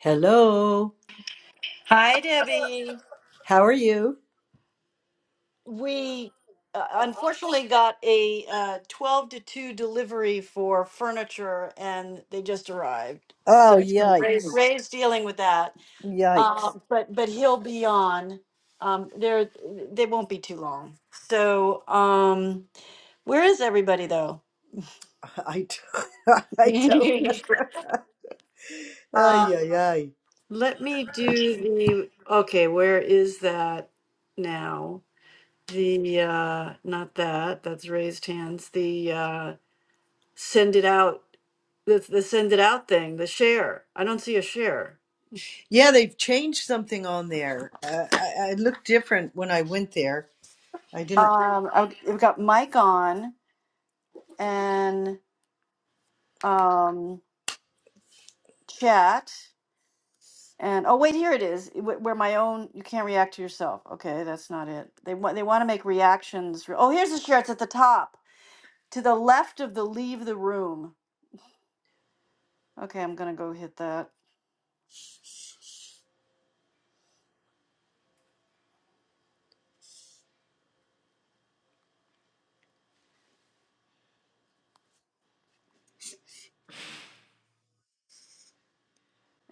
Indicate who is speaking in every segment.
Speaker 1: Hello,
Speaker 2: Hi, Debbie.
Speaker 1: how are you?
Speaker 2: We uh, unfortunately got a uh, 12 to 2 delivery for furniture and they just arrived.
Speaker 1: Oh,
Speaker 2: So Ray,
Speaker 1: yikes.
Speaker 2: Ray's dealing with that. Uh,
Speaker 1: Yikes.
Speaker 2: but but he'll be on. Um, there they won't be too long. So um, where is everybody though?
Speaker 1: I don't, I don't know. Ay,
Speaker 2: Uh,
Speaker 1: ay, ay.
Speaker 2: let me do the okay, where is that now? The uh not that, that's raised hands. The uh send it out, the, the send it out thing, the share. I don't see a share.
Speaker 1: Yeah, they've changed something on there. Uh, I, I looked different when I went there. I didn't.
Speaker 2: Um, I've we've got Mike on and um, chat and oh wait, here it is. wh- Where my own you can't react to yourself. Okay, that's not it. They want they want to make reactions. re- Oh, here's the share. It's at the top to the left of the leave the room. Okay, I'm gonna go hit that.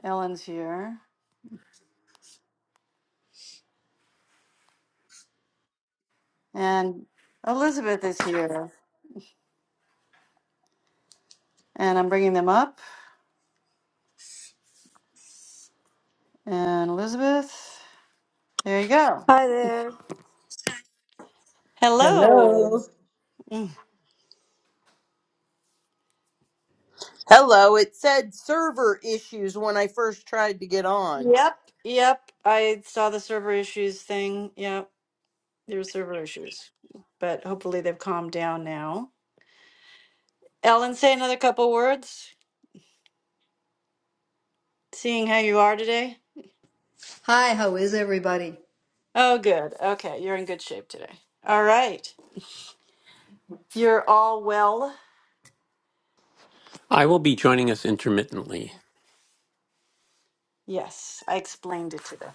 Speaker 2: Ellen's here and Elizabeth is here and I'm bringing them up and Elizabeth. There you go.
Speaker 3: Hi there.
Speaker 2: Hello.
Speaker 1: Hello.
Speaker 2: Mm.
Speaker 4: Hello, it said server issues when I first tried to get on.
Speaker 2: Yep, yep. I saw the server issues thing. Yep, there were server issues, but hopefully they've calmed down now. Ellen, say another couple words, seeing how you are today.
Speaker 3: Hi, how is everybody?
Speaker 2: Oh, good. Okay, you're in good shape today. All right. You're all well?
Speaker 5: I will be joining us intermittently.
Speaker 2: Yes, I explained it to them.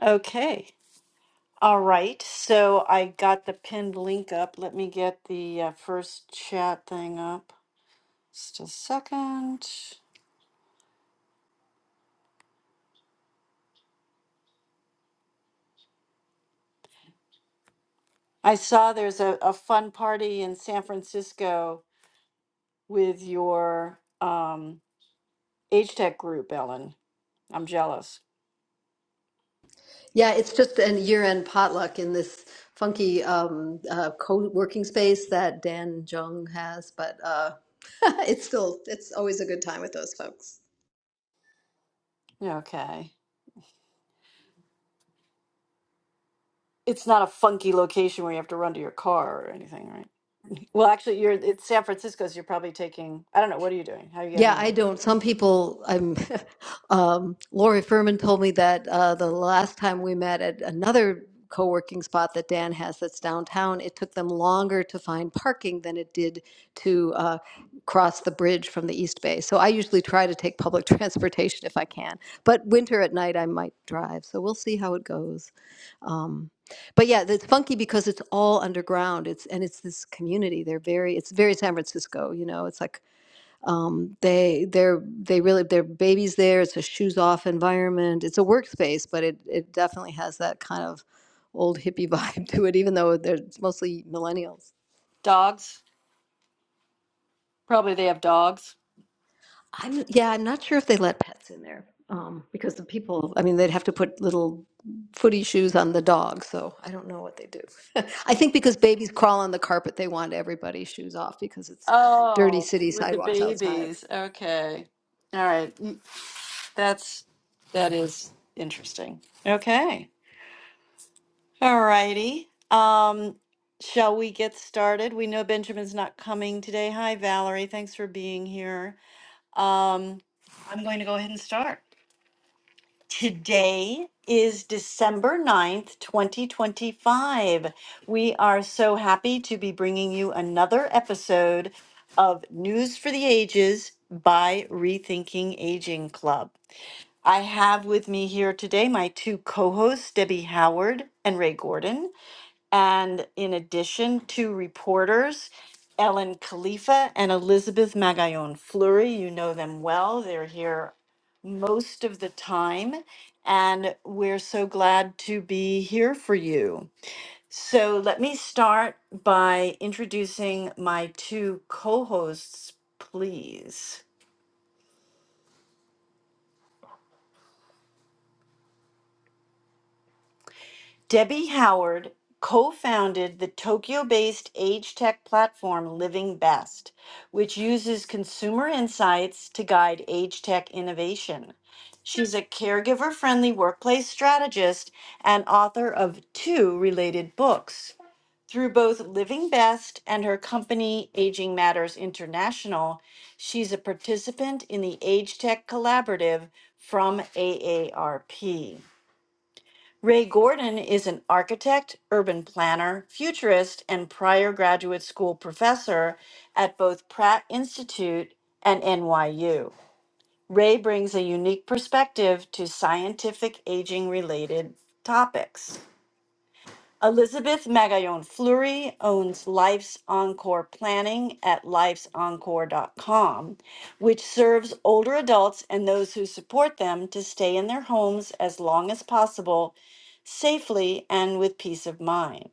Speaker 2: Okay. All right. So I got the pinned link up. Let me get the uh, first chat thing up. Just a second. I saw there's a, a fun party in San Francisco with your um, age tech group, Ellen. I'm jealous.
Speaker 3: Yeah, it's just a year-end potluck in this funky um, uh, co-working space that Dan Jung has, but uh, it's still it's always a good time with those folks.
Speaker 2: Okay. It's not a funky location where you have to run to your car or anything, right? Well, actually, you're it's San Francisco, so you're probably taking, I don't know, what are you doing? How are you
Speaker 3: Yeah,
Speaker 2: getting
Speaker 3: I
Speaker 2: there?
Speaker 3: don't. Some people, I'm, um, Lori Furman told me that uh, the last time we met at another co working spot that Dan has that's downtown, it took them longer to find parking than it did to uh, cross the bridge from the East Bay. So I usually try to take public transportation if I can. But winter at night, I might drive. So we'll see how it goes. Um, but yeah, it's funky because it's all underground. It's and it's this community. They're very. It's very San Francisco. You know, it's like um, they they're they really their babies there. It's a shoes off environment. It's a workspace, but it it definitely has that kind of old hippie vibe to it. Even though they're, it's mostly millennials.
Speaker 2: Dogs? Probably they have dogs.
Speaker 3: I'm yeah, I'm not sure if they let pets in there um, because the people. I mean, they'd have to put little footy shoes on the dog, so I don't know what they do. I think because babies crawl on the carpet, they want everybody's shoes off because it's dirty
Speaker 2: Oh,
Speaker 3: city
Speaker 2: with the
Speaker 3: sidewalks outside.
Speaker 2: babies. Okay. All right. Mm, That's that is interesting. Okay. All righty. Um, shall we get started? We know Benjamin's not coming today. Hi, Valerie. Thanks for being here. Um, I'm going to go ahead and start. Today is December ninth, 2025. We are so happy to be bringing you another episode of News for the Ages by Rethinking Aging Club. I have with me here today my two co hosts, Debbie Howard and Ray Gordon. And in addition, two reporters, Ellen Khalifa and Elizabeth Magallon Fleury. You know them well. They're here most of the time. And we're so glad to be here for you. So let me start by introducing my two co hosts, please. Debbie Howard co founded the Tokyo based age tech platform Living Best, which uses consumer insights to guide age tech innovation. She's a caregiver friendly workplace strategist and author of two related books. Through both Living Best and her company Aging Matters International, she's a participant in the Age Tech Collaborative from AARP. Ray Gordon is an architect, urban planner, futurist, and prior graduate school professor at both Pratt Institute and NYU. Ray brings a unique perspective to scientific aging related topics. Elizabeth Magallon Fleury owns Life's Encore Planning at lifesencore.com, which serves older adults and those who support them to stay in their homes as long as possible, safely and with peace of mind.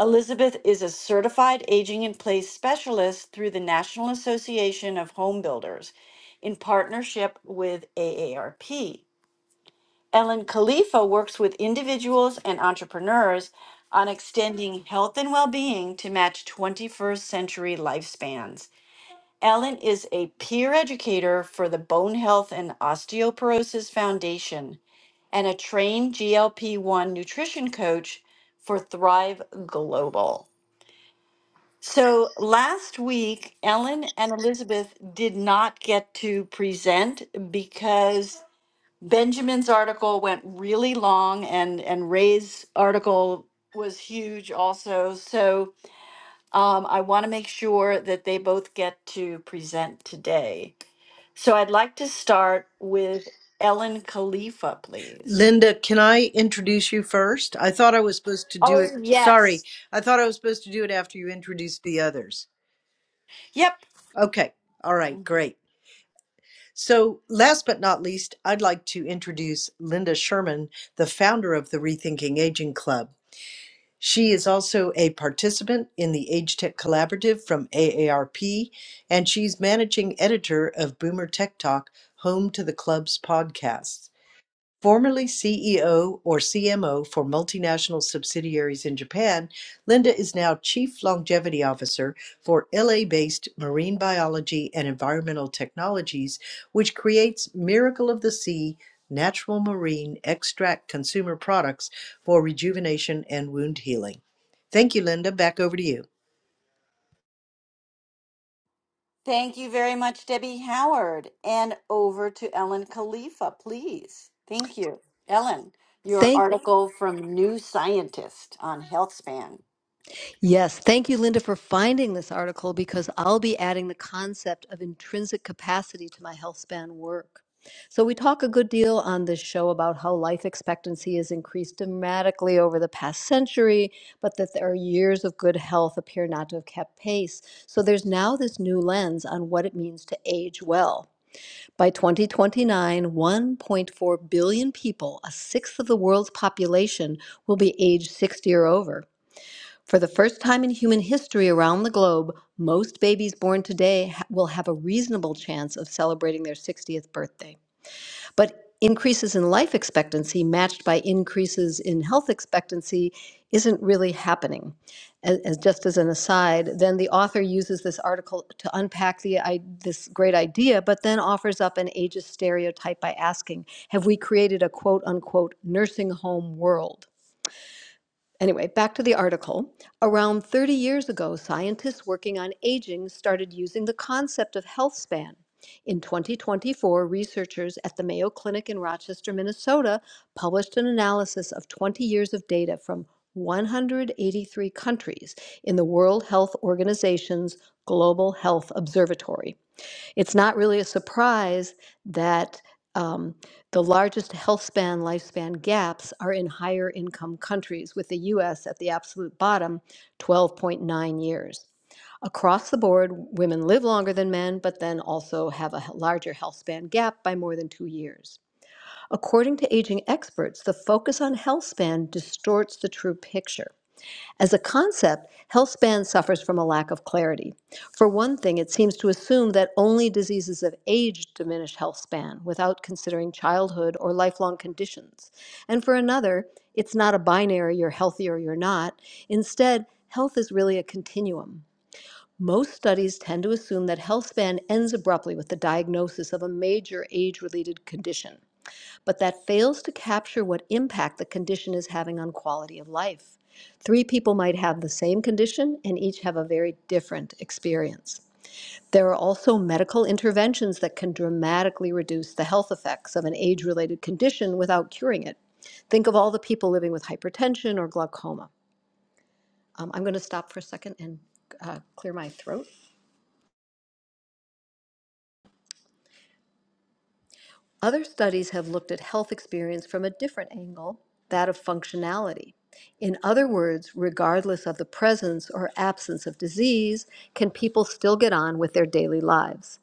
Speaker 2: Elizabeth is a certified aging in place specialist through the National Association of Home Builders in partnership with AARP. Ellen Khalifa works with individuals and entrepreneurs on extending health and well being to match 21st century lifespans. Ellen is a peer educator for the Bone Health and Osteoporosis Foundation and a trained GLP 1 nutrition coach for Thrive Global. So last week, Ellen and Elizabeth did not get to present because Benjamin's article went really long, and and Ray's article was huge also. So um, I want to make sure that they both get to present today. So I'd like to start with Ellen Khalifa, please.
Speaker 1: Linda, can I introduce you first? I thought I was supposed to do it.
Speaker 2: Oh,
Speaker 1: Sorry,
Speaker 2: yes.
Speaker 1: I thought I was supposed to do it after you introduced the others.
Speaker 2: Yep.
Speaker 1: Okay, all right, great. So, last but not least, I'd like to introduce Linda Sherman, the founder of the Rethinking Aging Club. She is also a participant in the Age Tech Collaborative from AARP, and she's managing editor of Boomer Tech Talk, home to the club's podcasts. Formerly CEO or CMO for multinational subsidiaries in Japan, Linda is now Chief Longevity Officer for LA-based Marine Biology and Environmental Technologies, which creates Miracle of the Sea natural marine extract consumer products for rejuvenation and wound healing. Thank you, Linda. Back over to you.
Speaker 2: Thank you very much, Debbie Howard. And over to Ellen Khalifa, please. Thank you. Ellen, your
Speaker 3: Thank
Speaker 2: article from New Scientist on HealthSpan.
Speaker 3: Yes, thank you, Linda, for finding this article because I'll be adding the concept of intrinsic capacity to my health span work. So, we talk a good deal on this show about how life expectancy has increased dramatically over the past century, but that our years of good health appear not to have kept pace. So, there's now this new lens on what it means to age well. By 2029, 1.4 billion people, a sixth of the world's population, will be age 60 or over. For the first time in human history around the globe, most babies born today ha- will have a reasonable chance of celebrating their 60th birthday. But increases in life expectancy matched by increases in health expectancy isn't really happening. As, as just as an aside, then the author uses this article to unpack the i- this great idea, but then offers up an ageist stereotype by asking, "Have we created a quote unquote nursing home world?" Anyway, back to the article. Around 30 years ago, scientists working on aging started using the concept of health span. In 2024, researchers at the Mayo Clinic in Rochester, Minnesota, published an analysis of 20 years of data from 183 countries in the World Health Organization's Global Health Observatory. It's not really a surprise that um, the largest health span lifespan gaps are in higher income countries, with the US at the absolute bottom, 12.9 years. Across the board, women live longer than men, but then also have a larger health span gap by more than two years. According to aging experts, the focus on health span distorts the true picture. As a concept, health span suffers from a lack of clarity. For one thing, it seems to assume that only diseases of age diminish health span without considering childhood or lifelong conditions. And for another, it's not a binary you're healthy or you're not. Instead, health is really a continuum. Most studies tend to assume that health span ends abruptly with the diagnosis of a major age related condition but that fails to capture what impact the condition is having on quality of life. Three people might have the same condition and each have a very different experience. There are also medical interventions that can dramatically reduce the health effects of an age related condition without curing it. Think of all the people living with hypertension or glaucoma. Um, I'm going to stop for a second and uh, clear my throat. Other studies have looked at health experience from a different angle, that of functionality. In other words, regardless of the presence or absence of disease, can people still get on with their daily lives?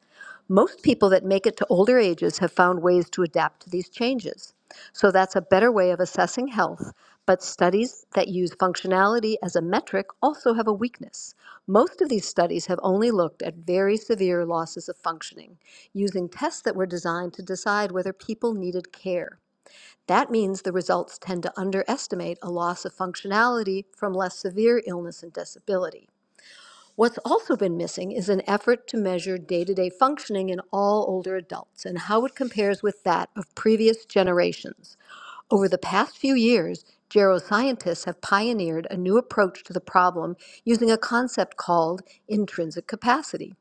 Speaker 3: Most people that make it to older ages have found ways to adapt to these changes. So that's a better way of assessing health, but studies that use functionality as a metric also have a weakness. Most of these studies have only looked at very severe losses of functioning, using tests that were designed to decide whether people needed care. That means the results tend to underestimate a loss of functionality from less severe illness and disability. What's also been missing is an effort to measure day to day functioning in all older adults and how it compares with that of previous generations. Over the past few years, geroscientists have pioneered a new approach to the problem using a concept called intrinsic capacity.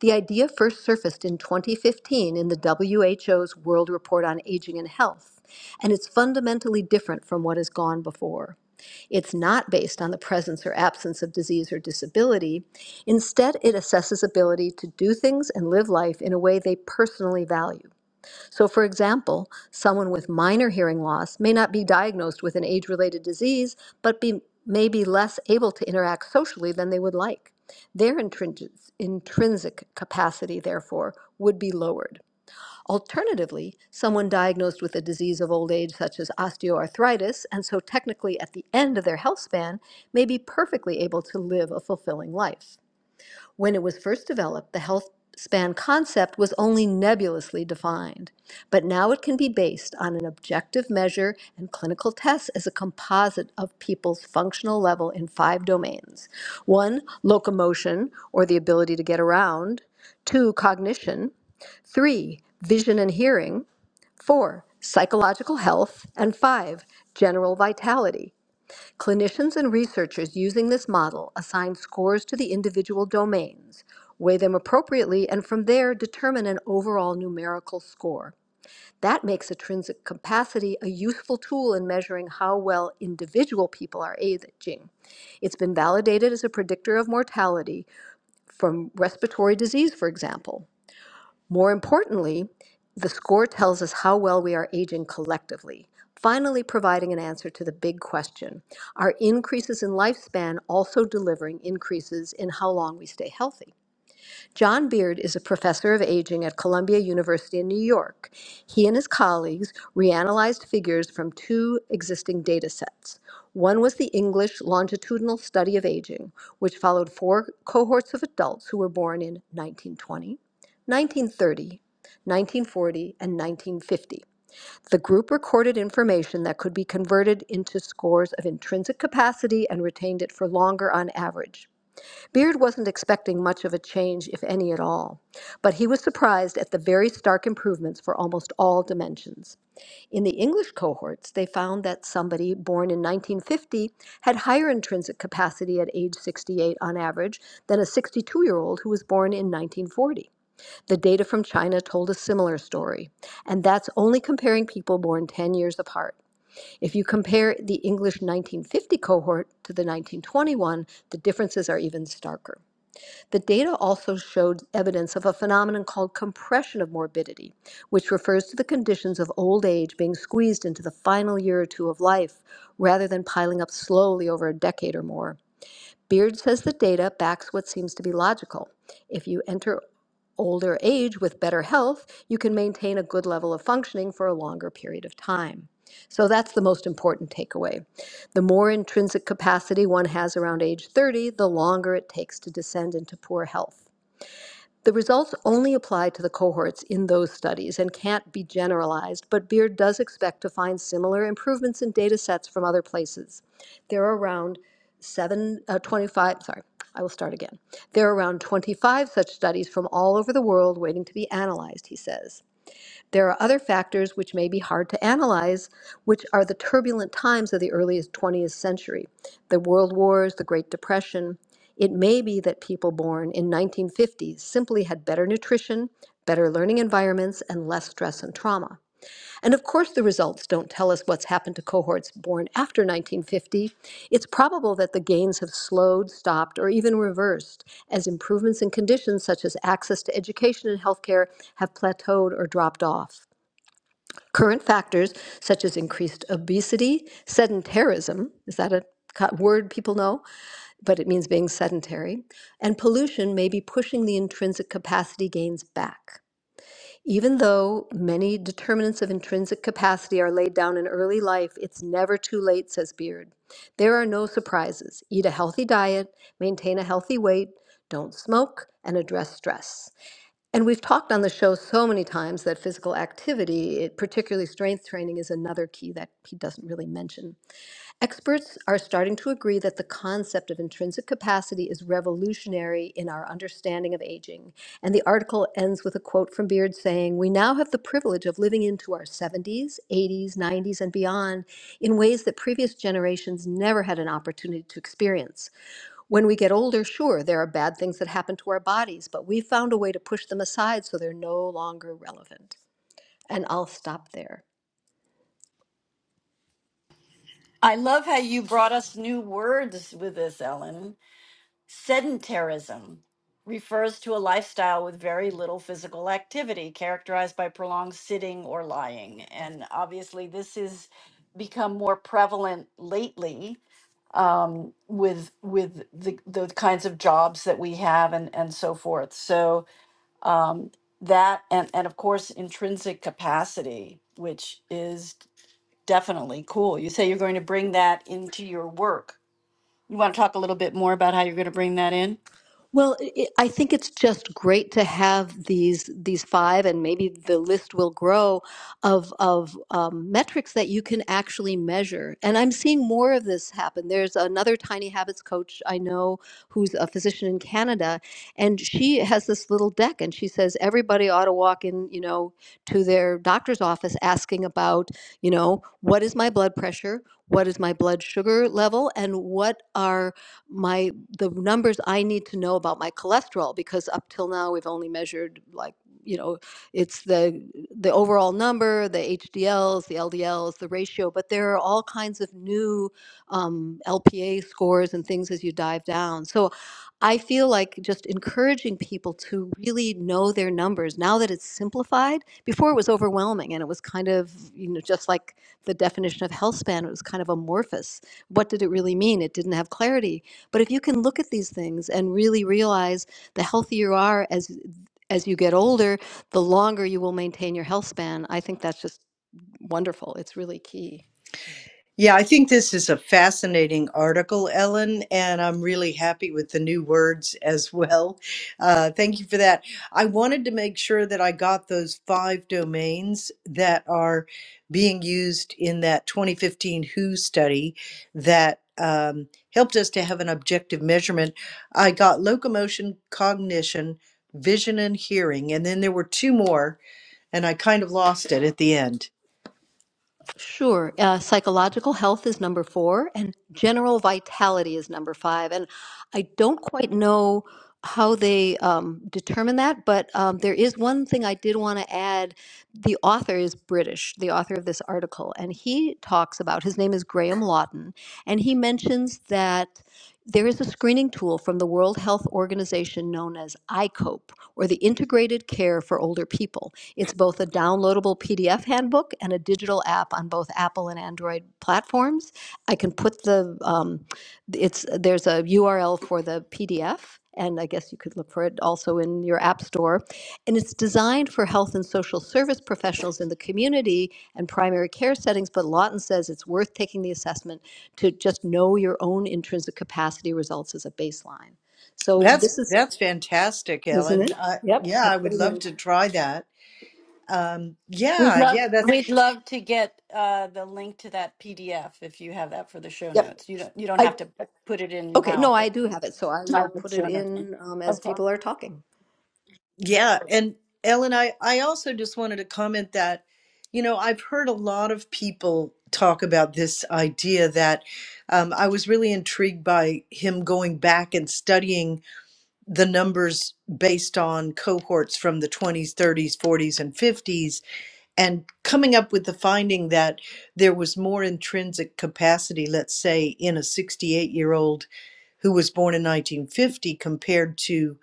Speaker 3: The idea first surfaced in 2015 in the WHO's World Report on Aging and Health, and it's fundamentally different from what has gone before. It's not based on the presence or absence of disease or disability. Instead, it assesses ability to do things and live life in a way they personally value. So, for example, someone with minor hearing loss may not be diagnosed with an age related disease, but be, may be less able to interact socially than they would like. Their intrinsic, intrinsic capacity, therefore, would be lowered. Alternatively, someone diagnosed with a disease of old age, such as osteoarthritis, and so technically at the end of their health span, may be perfectly able to live a fulfilling life. When it was first developed, the health span concept was only nebulously defined, but now it can be based on an objective measure and clinical tests as a composite of people's functional level in five domains one, locomotion, or the ability to get around, two, cognition three, vision and hearing, four, psychological health, and five, general vitality. Clinicians and researchers using this model assign scores to the individual domains, weigh them appropriately, and from there determine an overall numerical score. That makes intrinsic capacity a useful tool in measuring how well individual people are aging. It's been validated as a predictor of mortality from respiratory disease, for example. More importantly, the score tells us how well we are aging collectively, finally providing an answer to the big question Are increases in lifespan also delivering increases in how long we stay healthy? John Beard is a professor of aging at Columbia University in New York. He and his colleagues reanalyzed figures from two existing data sets. One was the English longitudinal study of aging, which followed four cohorts of adults who were born in 1920, 1930, 1940, and 1950. The group recorded information that could be converted into scores of intrinsic capacity and retained it for longer on average. Beard wasn't expecting much of a change, if any at all, but he was surprised at the very stark improvements for almost all dimensions. In the English cohorts, they found that somebody born in 1950 had higher intrinsic capacity at age 68 on average than a 62 year old who was born in 1940. The data from China told a similar story, and that's only comparing people born 10 years apart. If you compare the English 1950 cohort to the 1921, the differences are even starker. The data also showed evidence of a phenomenon called compression of morbidity, which refers to the conditions of old age being squeezed into the final year or two of life rather than piling up slowly over a decade or more. Beard says the data backs what seems to be logical. If you enter older age with better health, you can maintain a good level of functioning for a longer period of time. So that's the most important takeaway. The more intrinsic capacity one has around age 30, the longer it takes to descend into poor health. The results only apply to the cohorts in those studies and can't be generalized, but Beard does expect to find similar improvements in data sets from other places. There are around seven, uh, 25, sorry, I will start again. There are around 25 such studies from all over the world waiting to be analyzed, he says. There are other factors which may be hard to analyze, which are the turbulent times of the earliest 20th century, the World Wars, the Great Depression. It may be that people born in 1950 simply had better nutrition, better learning environments, and less stress and trauma. And of course, the results don't tell us what's happened to cohorts born after 1950. It's probable that the gains have slowed, stopped, or even reversed as improvements in conditions such as access to education and healthcare have plateaued or dropped off. Current factors such as increased obesity, sedentarism, is that a word people know? But it means being sedentary, and pollution may be pushing the intrinsic capacity gains back. Even though many determinants of intrinsic capacity are laid down in early life, it's never too late, says Beard. There are no surprises. Eat a healthy diet, maintain a healthy weight, don't smoke, and address stress. And we've talked on the show so many times that physical activity, it, particularly strength training, is another key that he doesn't really mention. Experts are starting to agree that the concept of intrinsic capacity is revolutionary in our understanding of aging. And the article ends with a quote from Beard saying, We now have the privilege of living into our 70s, 80s, 90s, and beyond in ways that previous generations never had an opportunity to experience. When we get older, sure, there are bad things that happen to our bodies, but we found a way to push them aside so they're no longer relevant. And I'll stop there.
Speaker 2: I love how you brought us new words with this, Ellen. Sedentarism refers to a lifestyle with very little physical activity, characterized by prolonged sitting or lying. And obviously, this has become more prevalent lately um, with with the, the kinds of jobs that we have and, and so forth. So um, that and, and of course intrinsic capacity, which is Definitely cool. You say you're going to bring that into your work. You want to talk a little bit more about how you're going to bring that in?
Speaker 3: Well, i I I think it's just great to have these these five, and maybe the list will grow of of um, metrics that you can actually measure. And I'm seeing more of this happen. There's another Tiny Habits coach I know who's a physician in Canada, and she has this little deck, and she says everybody ought to walk in, you know, to their doctor's office asking about, you know, what is my blood pressure, what is my blood sugar level, and what are my the numbers I need to know about my cholesterol because up till now we've only measured like you know it's the the overall number the hdls the ldls the ratio but there are all kinds of new um, lpa scores and things as you dive down so i feel like just encouraging people to really know their numbers now that it's simplified before it was overwhelming and it was kind of you know just like the definition of health span it was kind of amorphous what did it really mean it didn't have clarity but if you can look at these things and really realize the healthier you are as as you get older, the longer you will maintain your health span, I think that's just wonderful. It's really key.
Speaker 1: Yeah, I think this is a fascinating article, Ellen, and I'm really happy with the new words as well. Uh, thank you for that. I wanted to make sure that I got those five domains that are being used in that 2015 WHO study that um, helped us to have an objective measurement. I got locomotion, cognition, vision, and hearing, and then there were two more, and I kind of lost it at the end.
Speaker 3: Sure. Uh, psychological health is number four, and general vitality is number five. And I don't quite know how they um, determine that, but um, there is one thing I did want to add. The author is British, the author of this article, and he talks about his name is Graham Lawton, and he mentions that. There is a screening tool from the World Health Organization known as ICOPE, or the Integrated Care for Older People. It's both a downloadable PDF handbook and a digital app on both Apple and Android platforms. I can put the um, it's there's a URL for the PDF, and I guess you could look for it also in your app store. And it's designed for health and social service professionals in the community and primary care settings. But Lawton says it's worth taking the assessment to just know your own intrinsic capacity results as a baseline. So
Speaker 1: That's
Speaker 3: this is,
Speaker 1: that's fantastic,
Speaker 3: isn't
Speaker 1: Ellen.
Speaker 3: it?
Speaker 1: Uh,
Speaker 3: Yep,
Speaker 1: yeah,
Speaker 3: I'll
Speaker 1: I
Speaker 3: put
Speaker 1: would
Speaker 3: it
Speaker 1: love
Speaker 3: in.
Speaker 1: to try that. Um,
Speaker 2: We'd
Speaker 1: yeah,
Speaker 2: love
Speaker 1: yeah, that's
Speaker 2: we'd love to get uh, the link to that PDF if you have that for the show
Speaker 3: Yep,
Speaker 2: notes. You don't you don't
Speaker 3: I
Speaker 2: have to put it in
Speaker 3: Okay, no,
Speaker 2: now,
Speaker 3: I
Speaker 2: but
Speaker 3: do have it, so I
Speaker 2: I
Speaker 3: will
Speaker 2: have the
Speaker 3: put it
Speaker 2: show notes.
Speaker 3: in um, as
Speaker 2: Okay.
Speaker 3: people are talking.
Speaker 1: yeah. And Ellen, I I also just wanted to comment that, you know, I've heard a lot of people talk about this idea that um, I was really intrigued by him going back and studying the numbers based on cohorts from the 20s, 30s, 40s, and 50s and coming up with the finding that there was more intrinsic capacity, let's say, in a 68 year old who was born in 1950 compared to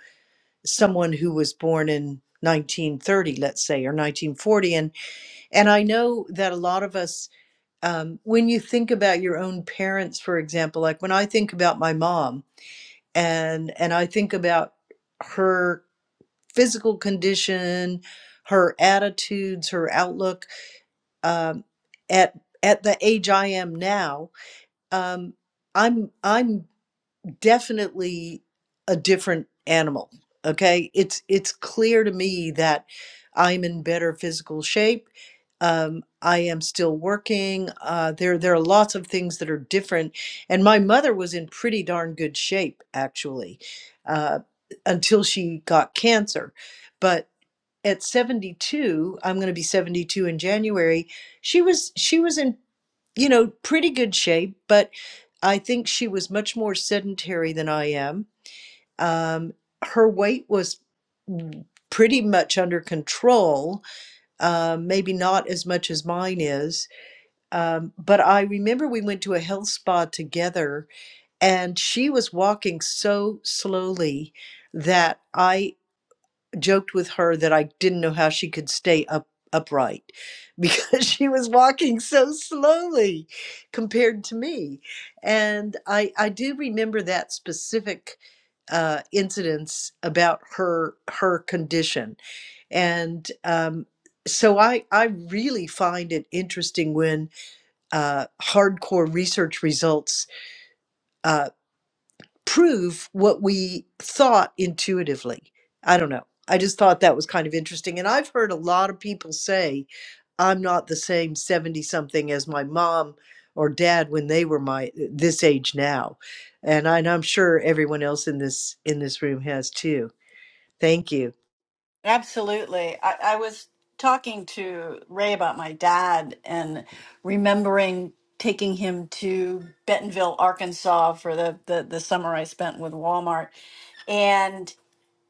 Speaker 1: someone who was born in 1930, let's say, or 1940. And, and I know that a lot of us, um, when you think about your own parents, for example, like when I think about my mom and, and I think about her physical condition, her attitudes, her outlook, um, at at the age I am now, um, I'm I'm definitely a different animal. Okay, it's it's clear to me that I'm in better physical shape. Um, I am still working. Uh, there there are lots of things that are different, and my mother was in pretty darn good shape actually, uh, until she got cancer. But at 72 i'm going to be 72 in january she was she was in you know pretty good shape but i think she was much more sedentary than i am um, her weight was pretty much under control um, maybe not as much as mine is um, but i remember we went to a health spa together and she was walking so slowly that i joked with her that I didn't know how she could stay up upright because she was walking so slowly compared to me. And I I do remember that specific uh, incidents about her her condition, and um, so I I really find it interesting when uh, hardcore research results uh, prove what we thought intuitively. I don't know. I just thought that was kind of interesting. And I've heard a lot of people say, I'm not the same 70 something as my mom or dad when they were my uh, this age now. And, I, and I'm sure everyone else in this in this room has too. Thank you.
Speaker 2: Absolutely. I, I was talking to Ray about my dad and remembering taking him to Bentonville, Arkansas for the, the, the summer I spent with Walmart.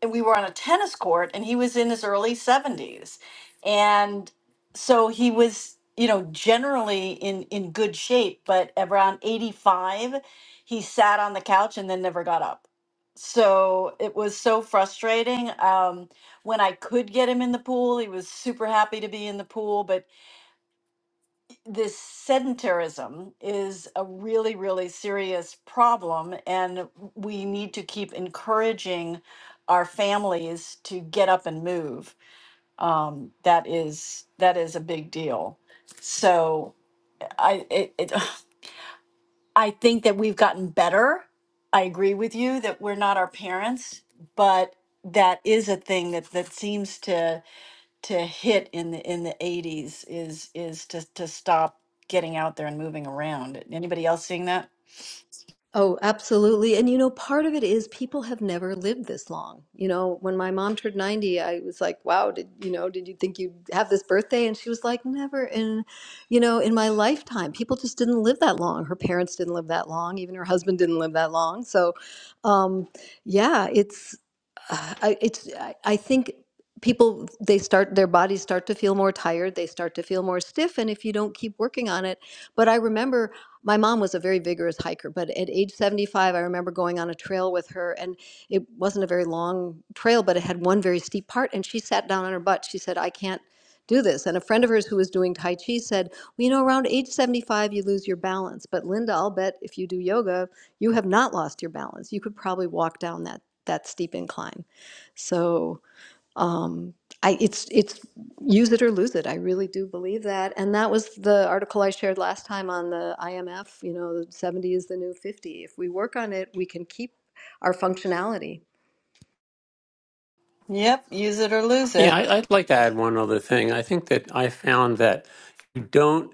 Speaker 2: and we were on a tennis court and he was in his early 70s and so he was you know generally in in good shape but around 85 he sat on the couch and then never got up so it was so frustrating um when i could get him in the pool he was super happy to be in the pool but this sedentarism is a really, really serious problem, and we need to keep encouraging our families to get up and move. Um, that is that is a big deal. So I it, it, I think that we've gotten better. I agree with you that we're not our parents, but that is a thing that that seems to to hit in the in the 80s is is to to stop getting out there and moving around. Anybody else seeing that?
Speaker 3: Oh, absolutely. And you know, part of it is people have never lived this long. You know, when my mom turned 90, I was like, wow, did you know, did you think you'd have this birthday? And she was like, never in, you know, in my lifetime. People just didn't live that long. Her parents didn't live that long. Even her husband didn't live that long. So, um, yeah, it's, uh, I, it's, I, I think people, they start, their bodies start to feel more tired. They start to feel more stiff. And if you don't keep working on it, but I remember my mom was a very vigorous hiker, but at age 75, I remember going on a trail with her, and it wasn't a very long trail, but it had one very steep part, and she sat down on her butt. She said, I can't do this. And a friend of hers who was doing Tai Chi said, Well, you know, around age 75, you lose your balance. But Linda, I'll bet if you do yoga, you have not lost your balance. You could probably walk down that, that steep incline. So um, I, it's it's use it or lose it. I really do believe that, and that was the article I shared last time on the IMF. You know, seventy is the new fifty. If we work on it, we can keep our functionality.
Speaker 2: Yep, use it or lose
Speaker 5: Yeah,
Speaker 2: it.
Speaker 5: I, I'd like to add one other thing. I think that I found that you don't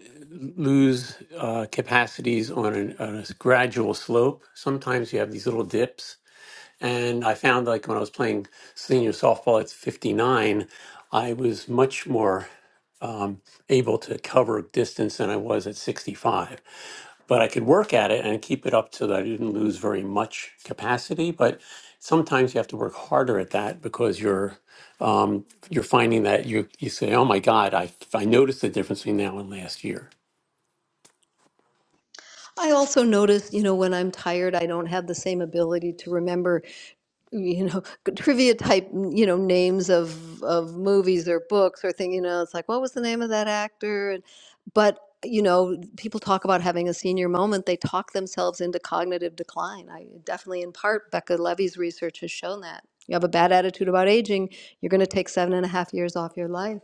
Speaker 5: lose uh, capacities on, an, on a gradual slope. Sometimes you have these little dips. And I found like when I was playing senior softball at 59, I was much more um, able to cover distance than I was at 65. but I could work at it and keep it up so that I didn't lose very much capacity. But sometimes you have to work harder at that because you're um, you're finding that you you say, "Oh my God, I I noticed the difference between now and last year."
Speaker 3: I also notice, you know, when I'm tired, I don't have the same ability to remember, you know, trivia type, you know, names of of movies or books or thing. You know, it's like, what was the name of that actor? And but you know, people talk about having a senior moment. They talk themselves into cognitive decline. I definitely, in part, Becca Levy's research has shown that. You have a bad attitude about aging, you're going to take seven and a half years off your life.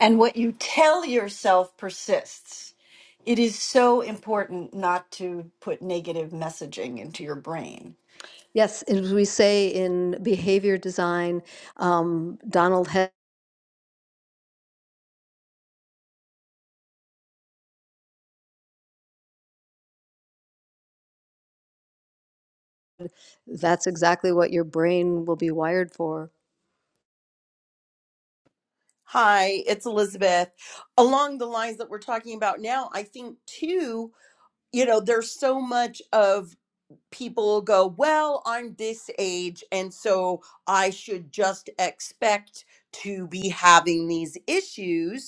Speaker 2: And what you tell yourself persists. It is so important not to put negative messaging into your brain.
Speaker 3: Yes, as we say in behavior design, um, Donald. Head That's exactly what your brain will be wired for.
Speaker 4: Hi, it's Elizabeth. Along the lines that we're talking about now, I think too, you know, there's so much of people go, well, I'm this age, and so I should just expect to be having these issues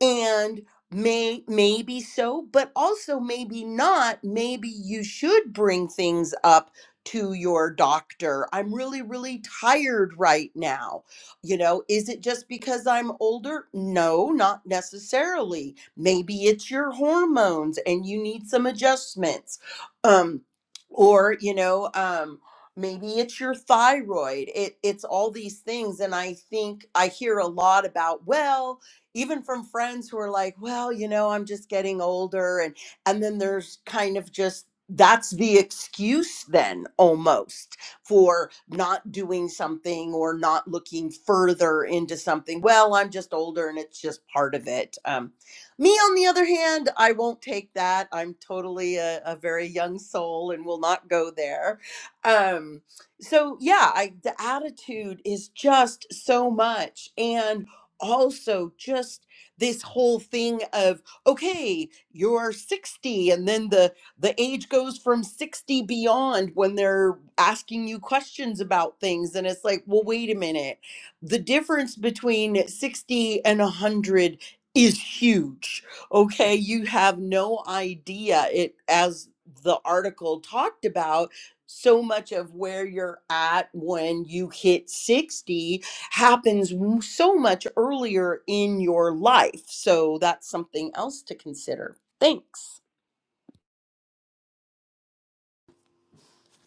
Speaker 4: and may maybe so but also maybe not maybe you should bring things up to your doctor i'm really really tired right now you know is it just because i'm older no not necessarily maybe it's your hormones and you need some adjustments um or you know um maybe it's your thyroid it it's all these things and i think i hear a lot about well even from friends who are like, well, you know, I'm just getting older and and then there's kind of just that's the excuse then almost for not doing something or not looking further into something. Well, I'm just older and it's just part of it. Um, me, on the other hand, I won't take that. I'm totally a, a very young soul and will not go there. Um, so yeah, I, the attitude is just so much. And also just this whole thing of okay you're 60 and then the the age goes from 60 beyond when they're asking you questions about things and it's like well wait a minute the difference between 60 and 100 is huge okay you have no idea it as the article talked about so much of where you're at when you hit 60 happens m- so much earlier in your life. So that's something else to consider. Thanks.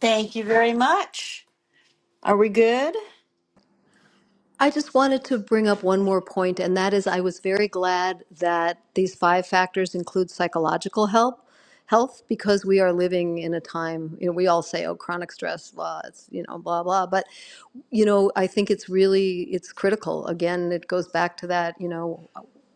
Speaker 2: Thank you very much. Are we good?
Speaker 3: I just wanted to bring up one more point, and that is I was very glad that these five factors include psychological help, health, because we are living in a time, you know, we all say, oh, chronic stress, blah, it's, you know, blah, blah. But you know, I think it's really, it's critical. Again, it goes back to that, you know,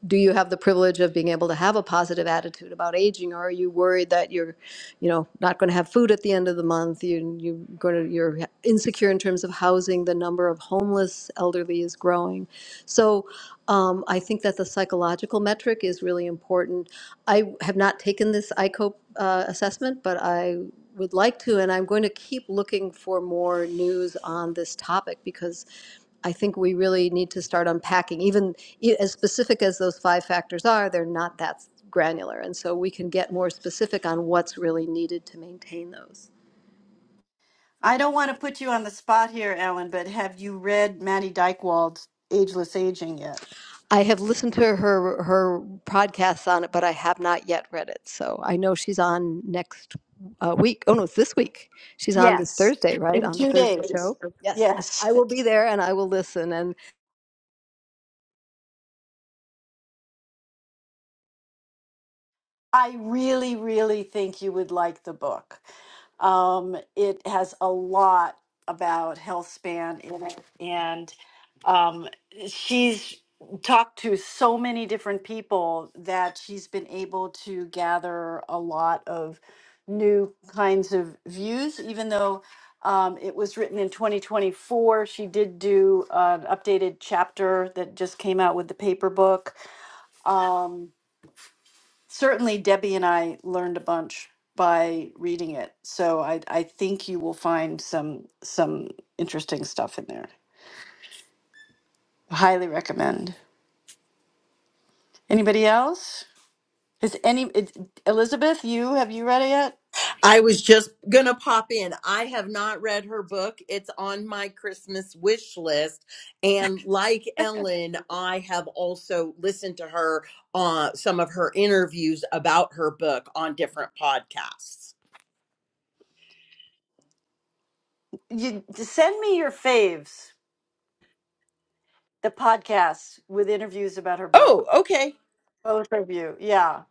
Speaker 3: do you have the privilege of being able to have a positive attitude about aging, or are you worried that you're, you know, not going to have food at the end of the month? You, you going to, you're insecure in terms of housing. The number of homeless elderly is growing. So um, I think that the psychological metric is really important. I have not taken this ICOPE uh, assessment, but I would like to, and I'm going to keep looking for more news on this topic because I think we really need to start unpacking. Even e- as specific as those five factors are, they're not that granular. And so we can get more specific on what's really needed to maintain those.
Speaker 2: I don't want to put you on the spot here, Ellen, but have you read Maddie Dykewald's Ageless Aging yet?
Speaker 3: I have listened to her her podcasts on it, but I have not yet read it. So I know she's on next uh, week. Oh no, it's this week. She's on this
Speaker 2: Yes.
Speaker 3: Thursday, right?
Speaker 2: In
Speaker 3: On the
Speaker 2: two
Speaker 3: Thursday
Speaker 2: days.
Speaker 3: show. Yes,
Speaker 2: Yes.
Speaker 3: I will be there and I will listen. And
Speaker 2: I really, really think you would like the book. Um, it has a lot about health span in it, and um, she's talked to so many different people that she's been able to gather a lot of new kinds of views, even though. Um, it was written in 2024. She did do an updated chapter that just came out with the paper book. Um, certainly Debbie and I learned a bunch by reading it. So I I think you will find some some interesting stuff in there. Highly recommend. Anybody else? Is any it, Elizabeth? You have you read it yet?
Speaker 4: I was just going to pop in. I have not read her book. It's on my Christmas wish list. And like Ellen, I have also listened to her on some of her interviews about her book on different podcasts.
Speaker 2: You send me your faves, the podcasts with interviews about her book.
Speaker 4: Oh, okay.
Speaker 2: Both of you, yeah,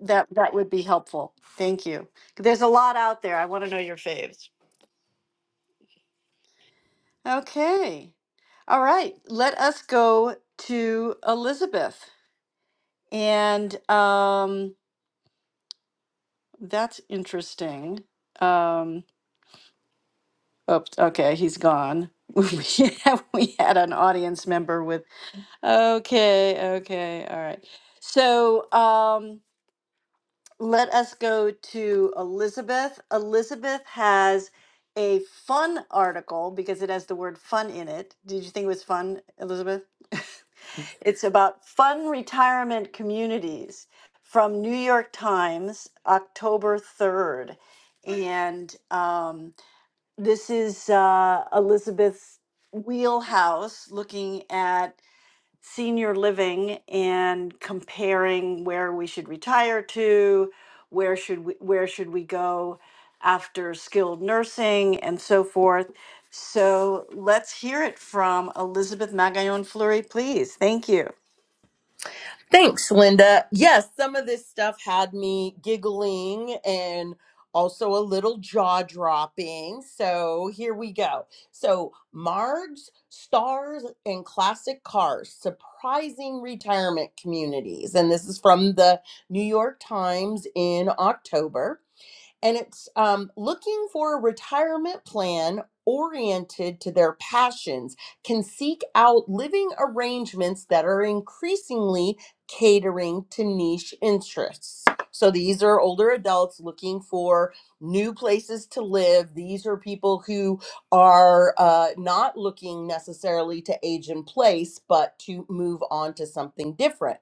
Speaker 2: that that would be helpful. Thank you. There's a lot out there. I want to know your faves. Okay. All right. Let us go to Elizabeth. And um that's interesting. Um oops, okay, he's gone. we had we had an audience member with okay, okay, all right. So um let us go to Elizabeth. Elizabeth has a fun article because it has the word fun in it. Did you think it was fun, Elizabeth? it's about fun retirement communities from New York Times, October 3rd. And um, this is uh, Elizabeth's wheelhouse looking at senior living and comparing where we should retire to, where should we, where should we go after skilled nursing and so forth. So let's hear it from Elizabeth Magallon Fleury, please. Thank you.
Speaker 4: Thanks, Linda. Yes, some of this stuff had me giggling and also a little jaw dropping. So here we go. So, Margs, Stars, and Classic Cars surprising retirement communities. And this is from the New York Times in October and it's um, looking for a retirement plan oriented to their passions can seek out living arrangements that are increasingly catering to niche interests. So these are older adults looking for new places to live. These are people who are uh, not looking necessarily to age in place, but to move on to something different.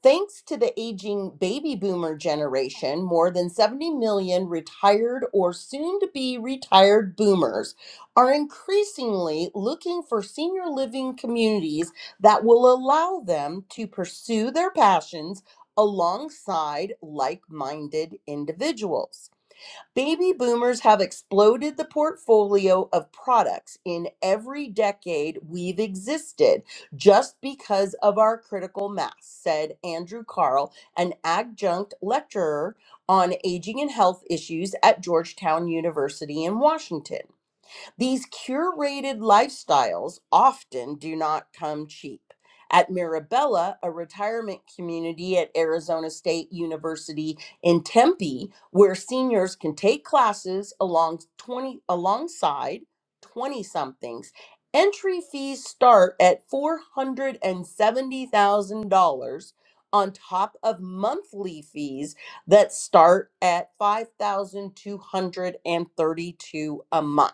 Speaker 4: Thanks to the aging baby boomer generation, more than 70 million retired or soon to be retired boomers are increasingly looking for senior living communities that will allow them to pursue their passions alongside like minded individuals. Baby boomers have exploded the portfolio of products in every decade we've existed just because of our critical mass, said Andrew Carl, an adjunct lecturer on aging and health issues at Georgetown University in Washington. These curated lifestyles often do not come cheap. At Mirabella, a retirement community at Arizona State University in Tempe, where seniors can take classes along 20 alongside 20 somethings. Entry fees start at $470,000 on top of monthly fees that start at $5,232 a month.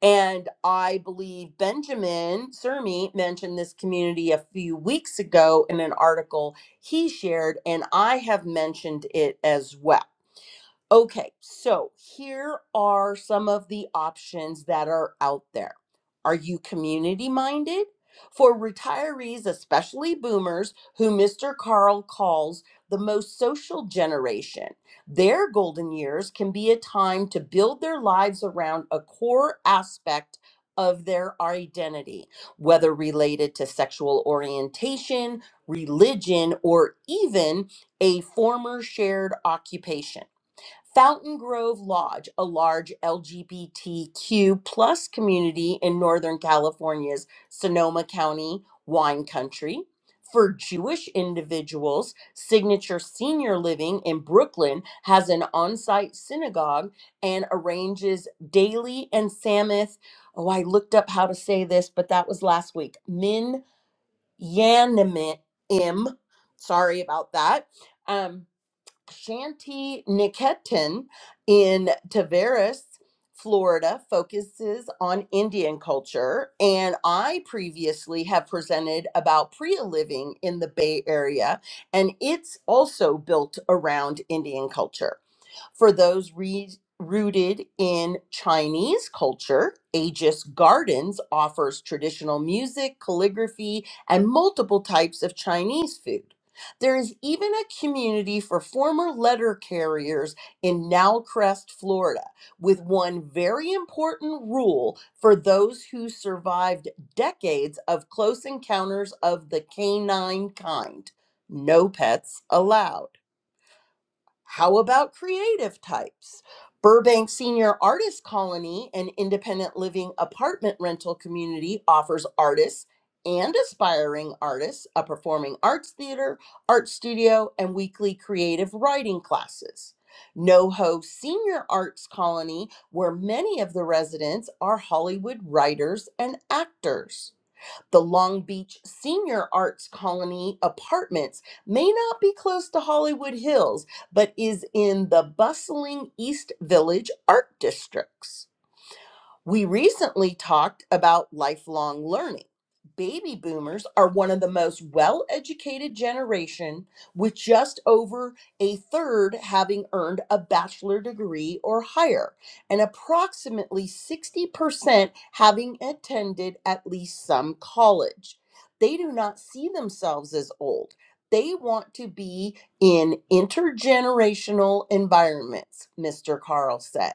Speaker 4: And I believe Benjamin Sermi mentioned this community a few weeks ago in an article he shared, and I have mentioned it as well. Okay, so here are some of the options that are out there. Are you community minded? For retirees, especially boomers, who Mr. Carl calls the most social generation, their golden years can be a time to build their lives around a core aspect of their identity, whether related to sexual orientation, religion, or even a former shared occupation. Fountain Grove Lodge, a large LGBTQ plus community in Northern California's Sonoma County wine country. For Jewish individuals, Signature Senior Living in Brooklyn has an on site synagogue and arranges daily and Sabbath. Oh, I looked up how to say this, but that was last week. Min Yanim. Sorry about that. Um, Shanti Niketan in Tavares, Florida, focuses on Indian culture. And I previously have presented about Priya living in the Bay Area, and it's also built around Indian culture. For those re- rooted in Chinese culture, Aegis Gardens offers traditional music, calligraphy, and multiple types of Chinese food. There is even a community for former letter carriers in Nowcrest, Florida, with one very important rule for those who survived decades of close encounters of the canine kind no pets allowed. How about creative types? Burbank Senior Artist Colony, an independent living apartment rental community, offers artists and aspiring artists a performing arts theater, art studio, and weekly creative writing classes. NoHo Senior Arts Colony, where many of the residents are Hollywood writers and actors. The Long Beach Senior Arts Colony Apartments may not be close to Hollywood Hills, but is in the bustling East Village art districts. We recently talked about lifelong learning. Baby boomers are one of the most well educated generation, with just over a third having earned a bachelor degree or higher, and approximately 60% having attended at least some college. They do not see themselves as old. They want to be in intergenerational environments, Mr. Carl said.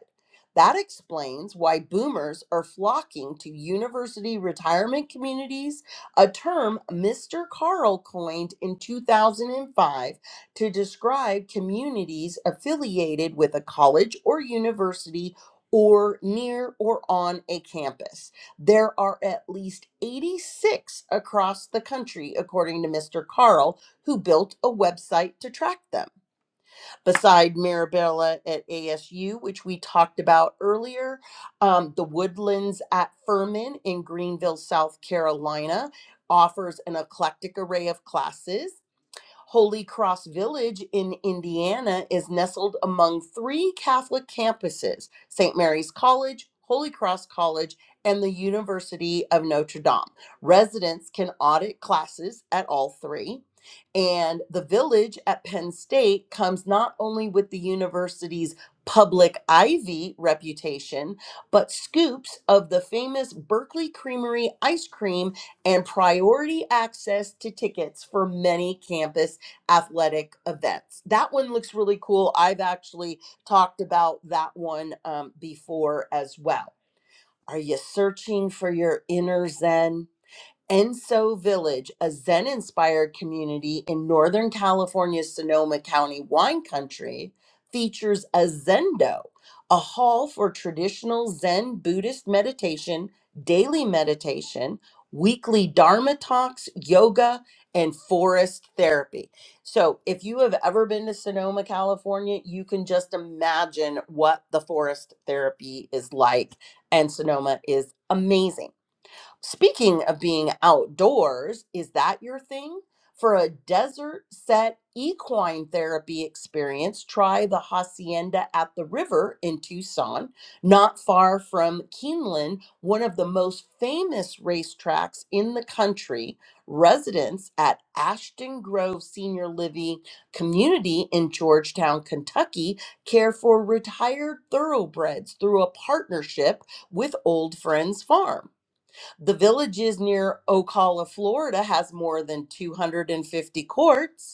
Speaker 4: That explains why boomers are flocking to university retirement communities, a term Mr. Carl coined in 2005 to describe communities affiliated with a college or university or near or on a campus. There are at least 86 across the country, according to Mr. Carl, who built a website to track them beside Mirabella at ASU, which we talked about earlier, um, the Woodlands at Furman in Greenville, South Carolina. Offers an eclectic array of classes. Holy Cross Village in Indiana is nestled among three Catholic campuses St. Mary's College, Holy Cross College, and the University of Notre Dame. Residents can audit classes at all three. And the village at Penn State comes not only with the university's public Ivy reputation, but scoops of the famous Berkeley Creamery ice cream and priority access to tickets for many campus athletic events. That one looks really cool. I've actually talked about that one um, before as well. Are you searching for your inner Zen? Enso Village, a Zen inspired community in Northern California's Sonoma County wine country, features a Zendo, a hall for traditional Zen Buddhist meditation, daily meditation, weekly Dharma talks, yoga, and forest therapy. So, if you have ever been to Sonoma, California, you can just imagine what the forest therapy is like. And Sonoma is amazing. Speaking of being outdoors, is that your thing? For a desert set equine therapy experience, try the Hacienda at the River in Tucson, not far from Keeneland, one of the most famous racetracks in the country. Residents at Ashton Grove Senior Living Community in Georgetown, Kentucky, care for retired thoroughbreds through a partnership with Old Friends Farm. The villages near Ocala, Florida has more than 250 courts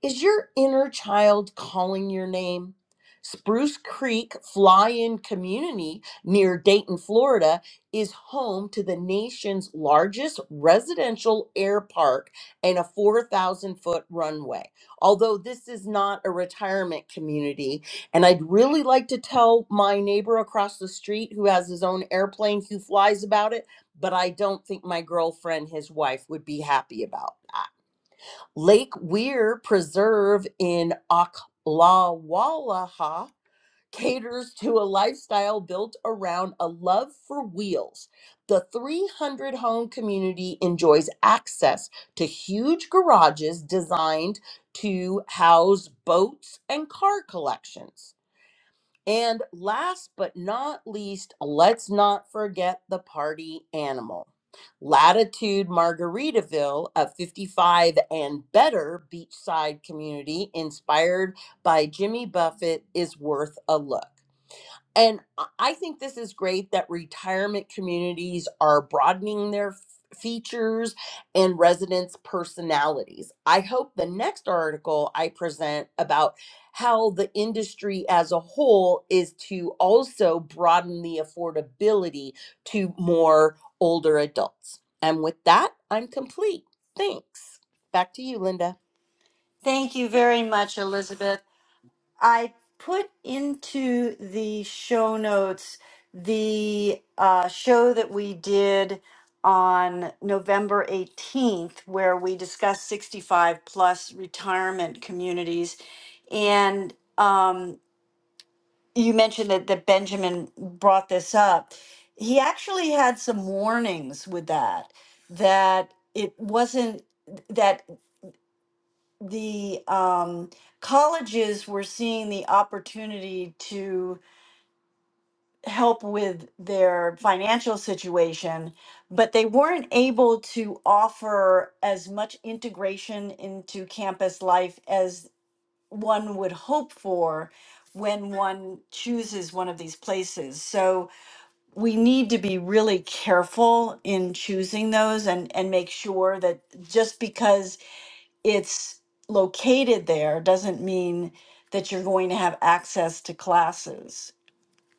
Speaker 4: is your inner child calling your name? Spruce Creek Fly In Community near Dayton, Florida, is home to the nation's largest residential air park and a 4,000 foot runway. Although this is not a retirement community, and I'd really like to tell my neighbor across the street who has his own airplane who flies about it, but I don't think my girlfriend, his wife, would be happy about that. Lake Weir Preserve in Oklawaha caters to a lifestyle built around a love for wheels. The 300 home community enjoys access to huge garages designed to house boats and car collections. And last but not least, let's not forget the party animal. Latitude Margaritaville, a 55 and better beachside community inspired by Jimmy Buffett, is worth a look. And I I think this is great that retirement communities are broadening their f- features and residents' personalities. I hope the next article I present about how the industry as a whole is to also broaden the affordability to more older adults. And with that, I'm complete. Thanks. Back to you, Linda.
Speaker 2: Thank you very much, Elizabeth. I put into the show notes the uh, show that we did on November 18th, where we discussed 65 plus retirement communities. And um, you mentioned that, that Benjamin brought this up. He actually had some warnings with that, that it wasn't. that the um, colleges were seeing the opportunity to help with their financial situation, but they weren't able to offer as much integration into campus life as one would hope for when one chooses one of these places. So we need to be really careful in choosing those and and make sure that just because it's located there doesn't mean that you're going to have access to classes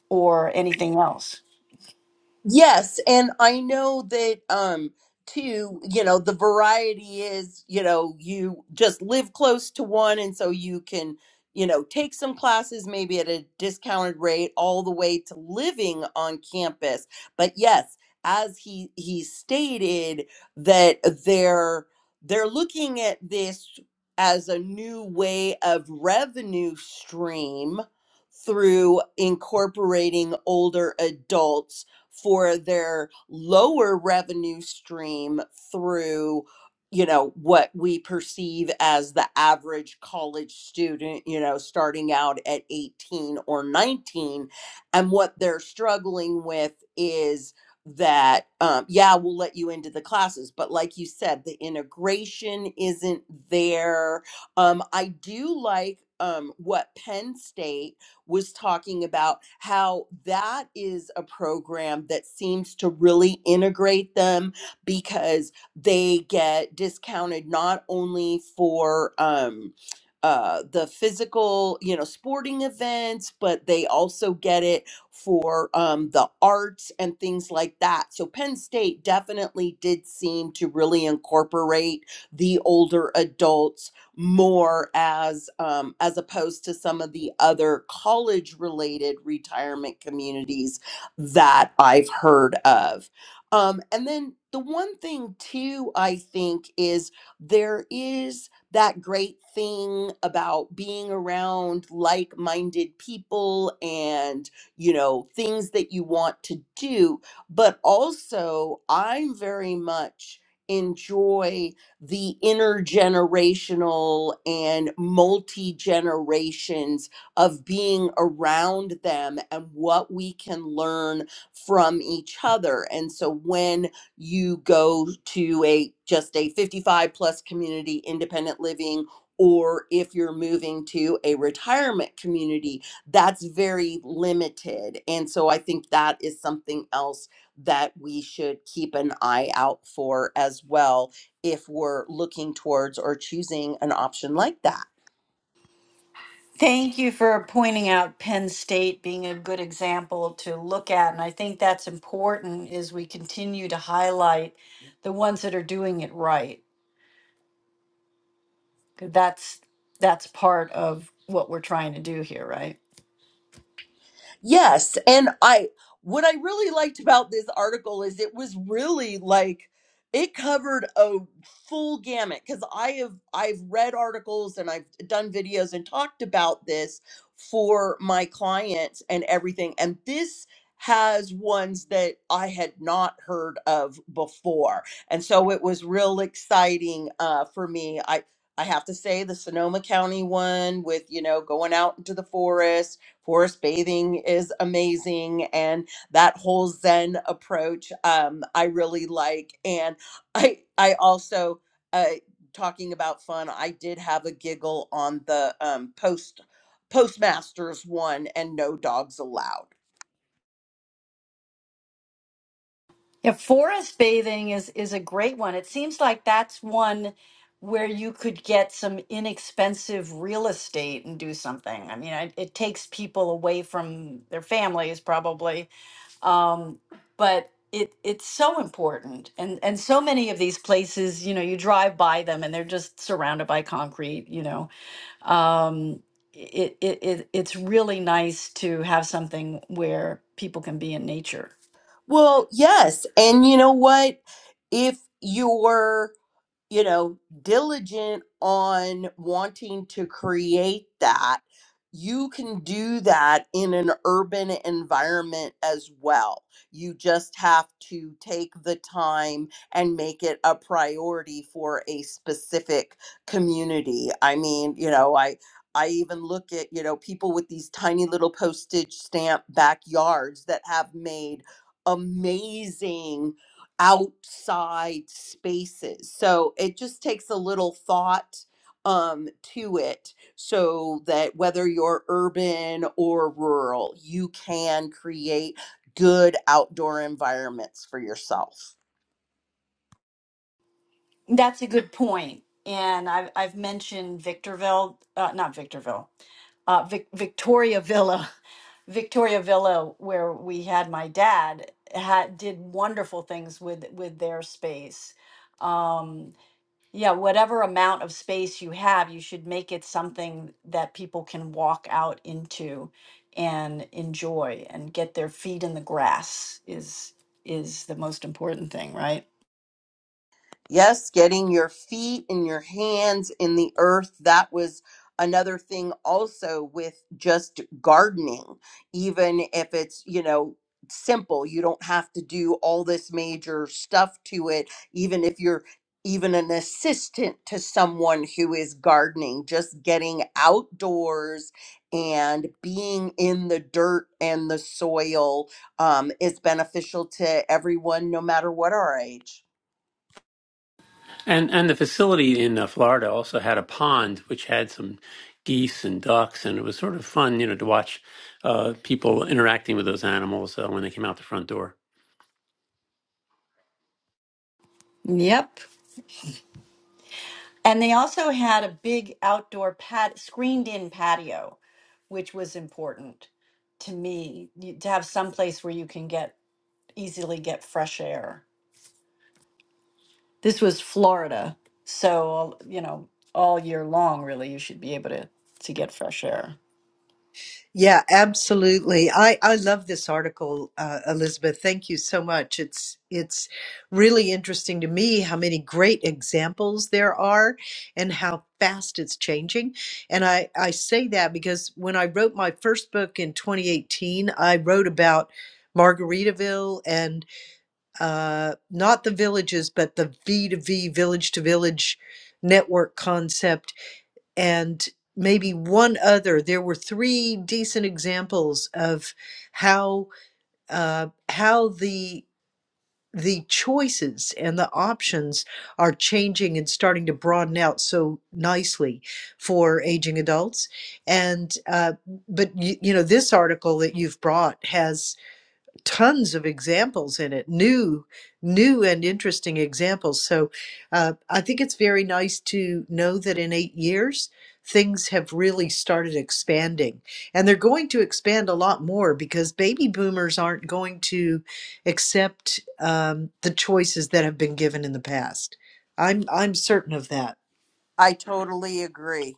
Speaker 2: or anything else.
Speaker 4: Yes, and I know that um too, you know, the variety is, you know, you just live close to one and so you can, you know, take some classes maybe at a discounted rate all the way to living on campus. But yes, as he he stated that they're they're looking at this as a new way of revenue stream through incorporating older adults for their lower revenue stream through you know what we perceive as the average college student you know starting out at 18 or 19 and what they're struggling with is that um, yeah we'll let you into the classes but like you said the integration isn't there um, i do like um, what penn state was talking about how that is a program that seems to really integrate them because they get discounted not only for um, uh, the physical, you know, sporting events, but they also get it for um, the arts and things like that. So Penn State definitely did seem to really incorporate the older adults more as um, as opposed to some of the other college related retirement communities that I've heard of. Um, and then the one thing too, I think, is there is that great thing about being around like-minded people and you know things that you want to do but also i'm very much enjoy the intergenerational and multi generations of being around them and what we can learn from each other. And so when you go to a just a 55 plus community independent living or if you're moving to a retirement community that's very limited and so i think that is something else that we should keep an eye out for as well if we're looking towards or choosing an option like that.
Speaker 2: Thank you for pointing out Penn State being a good example to look at. And I think that's important as we continue to highlight the ones that are doing it right. 'Cause That's that's part of what we're trying to do here, right?
Speaker 4: Yes, and I what I really liked about this article is it was really like it covered a full gamut cuz I have I've read articles and I've done videos and talked about this for my clients and everything and this has ones that I had not heard of before. And so it was real exciting uh, for me. I I have to say the Sonoma County one with, you know, going out into the forest Forest bathing is amazing, and that whole Zen approach um, I really like. And I I also uh, talking about fun. I did have a giggle on the um, post postmasters one and no dogs allowed.
Speaker 2: Yeah, forest bathing is is a great one. It seems like that's one where you could get some inexpensive real estate and do something. I mean, I, it takes people away from their families probably um, but it it's so important and and so many of these places you know you drive by them and they're just surrounded by concrete you know um, it, it, it it's really nice to have something where people can be in nature
Speaker 4: Well, yes, and you know what? If you're you know, diligent on wanting to create that, you can do that in an urban environment as well. You just have to take the time and make it a priority for a specific community. I mean, you know, I. I even look at, you know, people with these tiny little postage stamp backyards that have made amazing outside spaces. So it just takes a little thought um, to it so that whether you're urban or rural, you can create good outdoor environments for yourself.
Speaker 2: That's a good point. And I've, I've mentioned Victorville, uh, not Victorville. uh, Vic- Victoria Villa, Victoria Villa, where we had my dad, had did wonderful things with with their space. Um, yeah, whatever amount of space you have, you should make it something that people can walk out into and enjoy and get their feet in the grass is is the most important thing, right?
Speaker 4: Yes, getting your feet and your hands in the earth. That was another thing also with just gardening, even if it's, you know, simple. You don't have to do all this major stuff to it, even if you're even an assistant to someone who is gardening, just getting outdoors and being in the dirt and the soil um, is beneficial to everyone, no matter what our age.
Speaker 5: And and the facility in uh, Florida also had a pond which had some geese and ducks, and it was sort of fun, you know, to watch uh, people interacting with those animals uh, when they came out the front door.
Speaker 2: Yep. And they also had a big outdoor pat screened in patio, which was important to me you- to have some place where you can get easily get fresh air. This was Florida, so you know all year long really you should be able to to get fresh air.
Speaker 1: Yeah, absolutely. I, I love this article, uh, Elizabeth. Thank you so much. It's it's really interesting to me how many great examples there are and how fast it's changing. And I, I say that because when I wrote my first book in 2018, I wrote about Margaritaville and uh, not the villages, but the V to V, village to village network concept and maybe one other. There were three decent examples of how uh, how the the choices and the options are changing and starting to broaden out so nicely for aging adults. And uh, but you, you know this article that you've brought has tons of examples in it, new, new and interesting examples. So uh, I think it's very nice to know that in eight years, things have really started expanding. And they're going to expand a lot more because baby boomers aren't going to accept um, the choices that have been given in the past. I'm, I'm certain of that.
Speaker 4: I totally agree.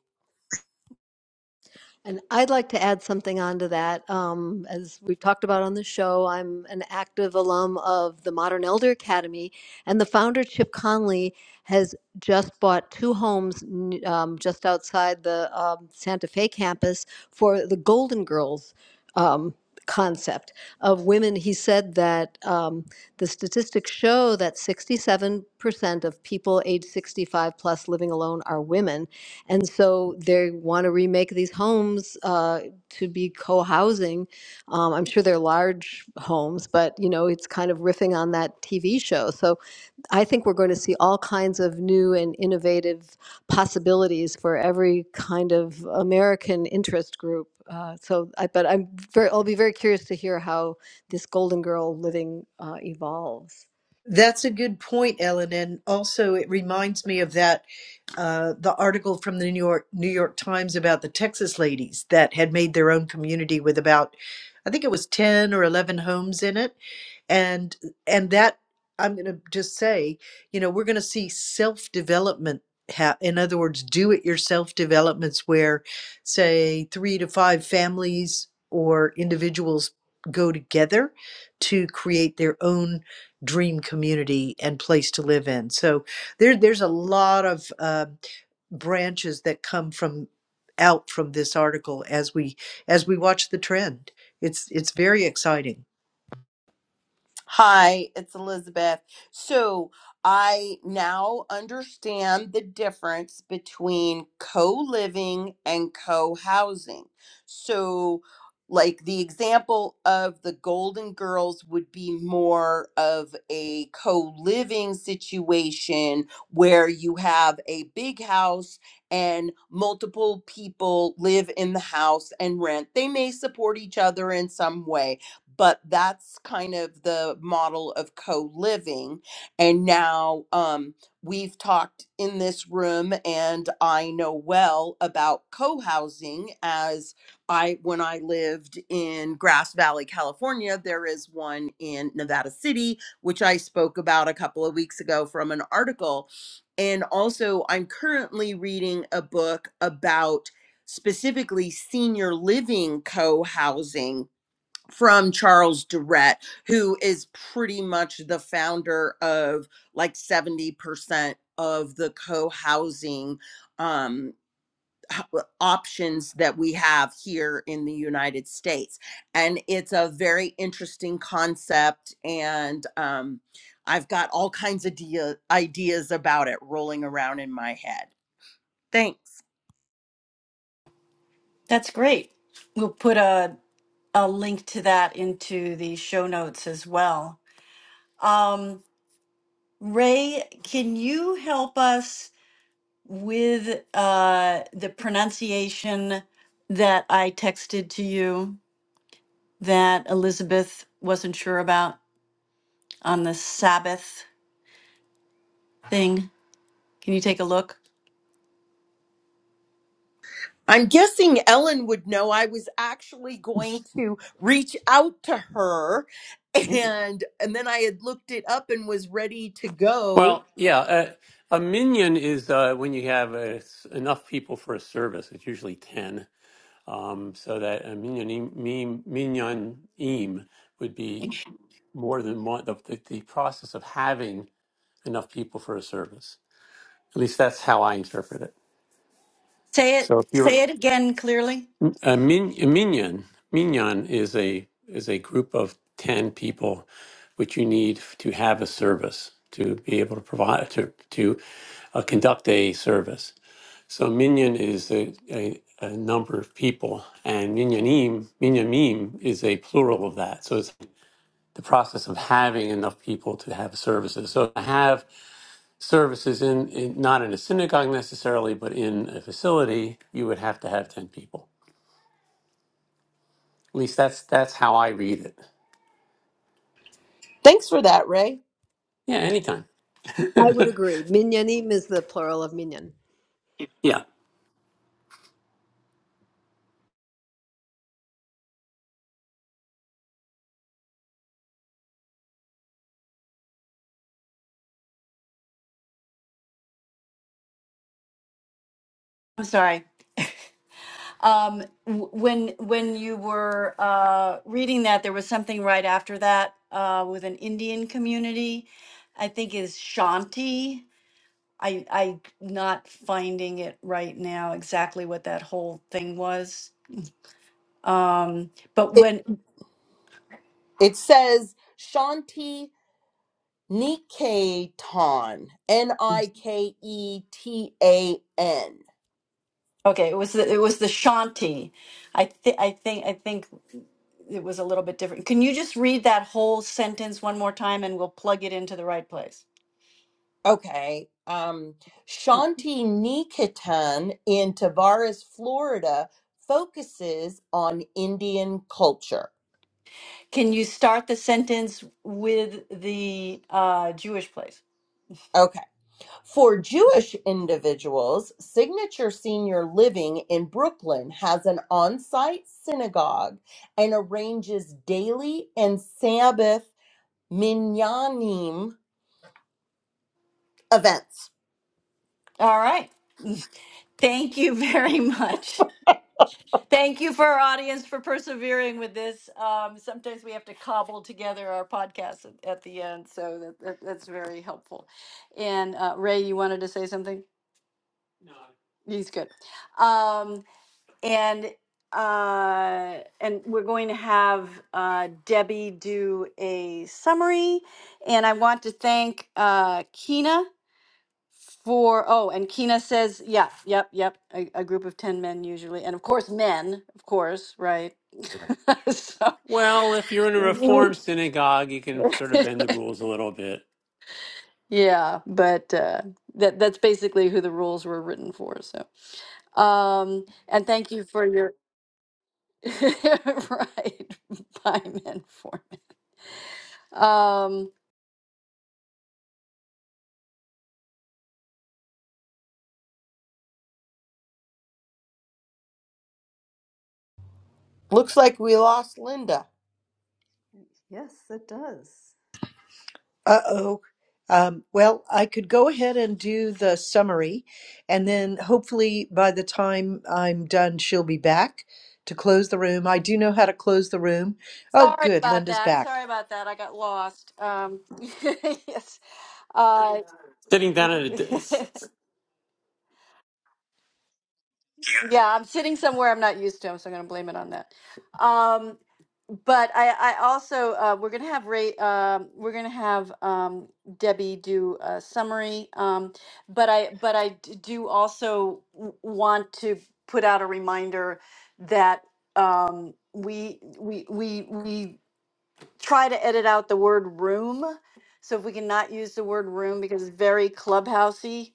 Speaker 3: And I'd like to add something onto that. Um, as we've talked about on the show, I'm an active alum of the Modern Elder Academy, and the founder, Chip Conley, has just bought two homes um, just outside the um, Santa Fe campus for the Golden Girls. Um, concept of women he said that um, the statistics show that 67% of people age 65 plus living alone are women and so they want to remake these homes uh, to be co-housing. Um, I'm sure they're large homes, but you know it's kind of riffing on that TV show. So I think we're going to see all kinds of new and innovative possibilities for every kind of American interest group. Uh, so, I, but I'm very, I'll be very curious to hear how this Golden Girl living uh, evolves.
Speaker 1: That's a good point, Ellen, and also it reminds me of that uh, the article from the New York New York Times about the Texas ladies that had made their own community with about I think it was ten or eleven homes in it and and that i'm going to just say you know we're going to see self development ha- in other words do it yourself developments where say 3 to 5 families or individuals go together to create their own dream community and place to live in so there there's a lot of uh, branches that come from out from this article as we as we watch the trend it's it's very exciting
Speaker 4: Hi, it's Elizabeth. So I now understand the difference between co living and co housing. So, like the example of the Golden Girls would be more of a co living situation where you have a big house and multiple people live in the house and rent. They may support each other in some way but that's kind of the model of co-living and now um, we've talked in this room and i know well about co-housing as i when i lived in grass valley california there is one in nevada city which i spoke about a couple of weeks ago from an article and also i'm currently reading a book about specifically senior living co-housing from Charles Durrett, who is pretty much the founder of like 70% of the co housing um, h- w- options that we have here in the United States. And it's a very interesting concept. And um, I've got all kinds of dea- ideas about it rolling around in my head. Thanks.
Speaker 2: That's great. We'll put a a link to that into the show notes as well. Um, Ray, can you help us? with uh, the pronunciation that I texted to you that Elizabeth wasn't sure about on the Sabbath thing. Can you take a look?
Speaker 4: I'm guessing Ellen would know I was actually going to reach out to her and and then I had looked it up and was ready to go.
Speaker 5: Well, yeah, uh, a minion is uh, when you have uh, s- enough people for a service. It's usually ten, um, so that a minion minionim would be more than one. The, the, the process of having enough people for a service. At least that's how I interpret it.
Speaker 2: Say it.
Speaker 5: So if you're
Speaker 2: Say it again clearly.
Speaker 5: a, min, a minion, minion is a is a group of ten people, which you need to have a service to be able to provide to to uh, conduct a service. So minyan is a, a, a number of people, and minyanim, minyanim is a plural of that. So it's the process of having enough people to have services. So to have services in, in not in a synagogue necessarily, but in a facility, you would have to have ten people. At least that's that's how I read it.
Speaker 4: Thanks for that, Ray.
Speaker 5: Yeah, anytime.
Speaker 3: I would agree. Minyanim is the plural of minyan.
Speaker 5: Yeah.
Speaker 2: I'm sorry. Um, w- when when you were uh, reading that, there was something right after that uh, with an Indian community. I think is Shanti. I I not finding it right now exactly what that whole thing was. Um, but
Speaker 4: It
Speaker 2: when
Speaker 4: it says Shanti Niketan, N I K E T A N.
Speaker 2: okay, it was the, it was the Shanti. I th- I think I think it was a little bit different. Can you just read that whole sentence one more time and we'll plug it into the right place?
Speaker 4: Okay. Um, Shanti Nikitan in Tavares, Florida, focuses on Indian culture.
Speaker 2: Can you start the sentence with the uh, Jewish place?
Speaker 4: Okay. For Jewish individuals, Signature Senior Living in Brooklyn has an on site synagogue and arranges daily and Sabbath minyanim events.
Speaker 2: All right. Thank you very much. Thank you for our audience for persevering with this. Um, sometimes we have to cobble together our podcast at, at the end, so that, that- that's very helpful. And uh, Ray, you wanted to say something? He's good. Um, and uh, and we're going to have uh, Debbie do a summary. And I want to thank uh, Kina. For, oh, and Kina says, yeah, yep, yep, a, a group of 10 men usually. And of course, men, of course, right? so,
Speaker 5: Well, if you're in a Reform synagogue, you can sort of bend the rules a little bit.
Speaker 2: yeah, but uh, that that's basically who the rules were written for. So, um, and thank you for your right by men for men. Um,
Speaker 4: Looks like we lost Linda.
Speaker 3: Yes, it does.
Speaker 1: Uh-oh. Um, well, I could go ahead and do the summary, and then hopefully by the time I'm done, she'll be back to close the room. I do know how to close the room. Oh,
Speaker 2: sorry
Speaker 1: good,
Speaker 2: about
Speaker 1: Linda's
Speaker 2: that.
Speaker 1: back.
Speaker 2: Sorry about that. I got lost. Um, yes, uh,
Speaker 5: Sitting down at a desk.
Speaker 2: Yeah, I'm sitting somewhere I'm not used to, so I'm going to blame it on that. Um, but I, I also uh, we're going to have Ray, um we're going to have um, Debbie do a summary. Um, but I, but I d- do also w- want to put out a reminder that um, we, we, we, we try to edit out the word room. So if we can not use the word room because it's very clubhousey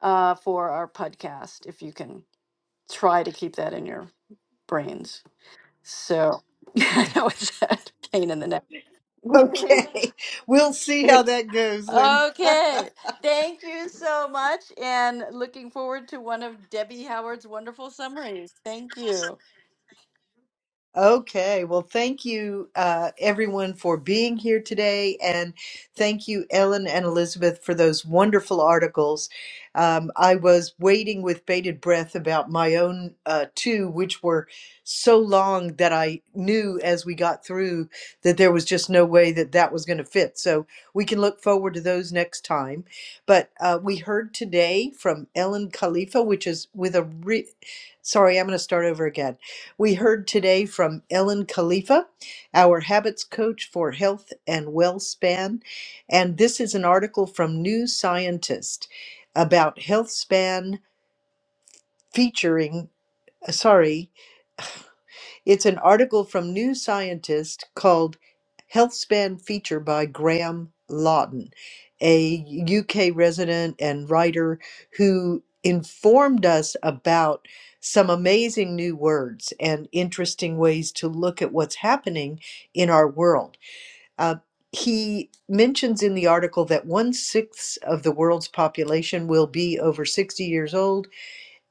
Speaker 2: uh, for our podcast, if you can try to keep that in your brains. So I know it's a pain in the neck.
Speaker 1: Okay, we'll see how that goes, Linda.
Speaker 2: okay. Thank you so much. And looking forward to one of Debbie Howard's wonderful summaries. Thank you.
Speaker 1: Okay, well, thank you, uh, everyone, for being here today. And thank you, Ellen and Elizabeth, for those wonderful articles. Um, I was waiting with bated breath about my own uh, two, which were so long that I knew as we got through that there was just no way that that was going to fit. So we can look forward to those next time. But uh, we heard today from Ellen Khalifa, which is with a re- sorry, I'm going to start over again. We heard today from Ellen Khalifa, our habits coach for health and well span. And this is an article from New Scientist about health span featuring, uh, sorry, it's an article from New Scientist called Healthspan Feature by Graham Lawton, a UK resident and writer who informed us about some amazing new words and interesting ways to look at what's happening in our world. Uh, he mentions in the article that one sixth of the world's population will be over 60 years old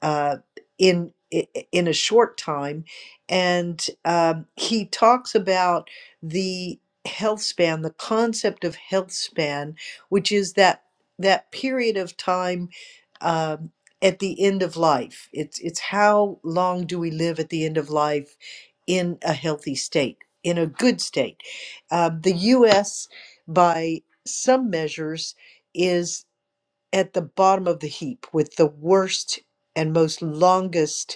Speaker 1: uh, in i- in a short time, and um, he talks about the health span, the concept of health span, which is that that period of time um, at the end of life. It's it's how long do we live at the end of life in a healthy state, in a good state. Um, the U.S. by some measures is at the bottom of the heap with the worst and most longest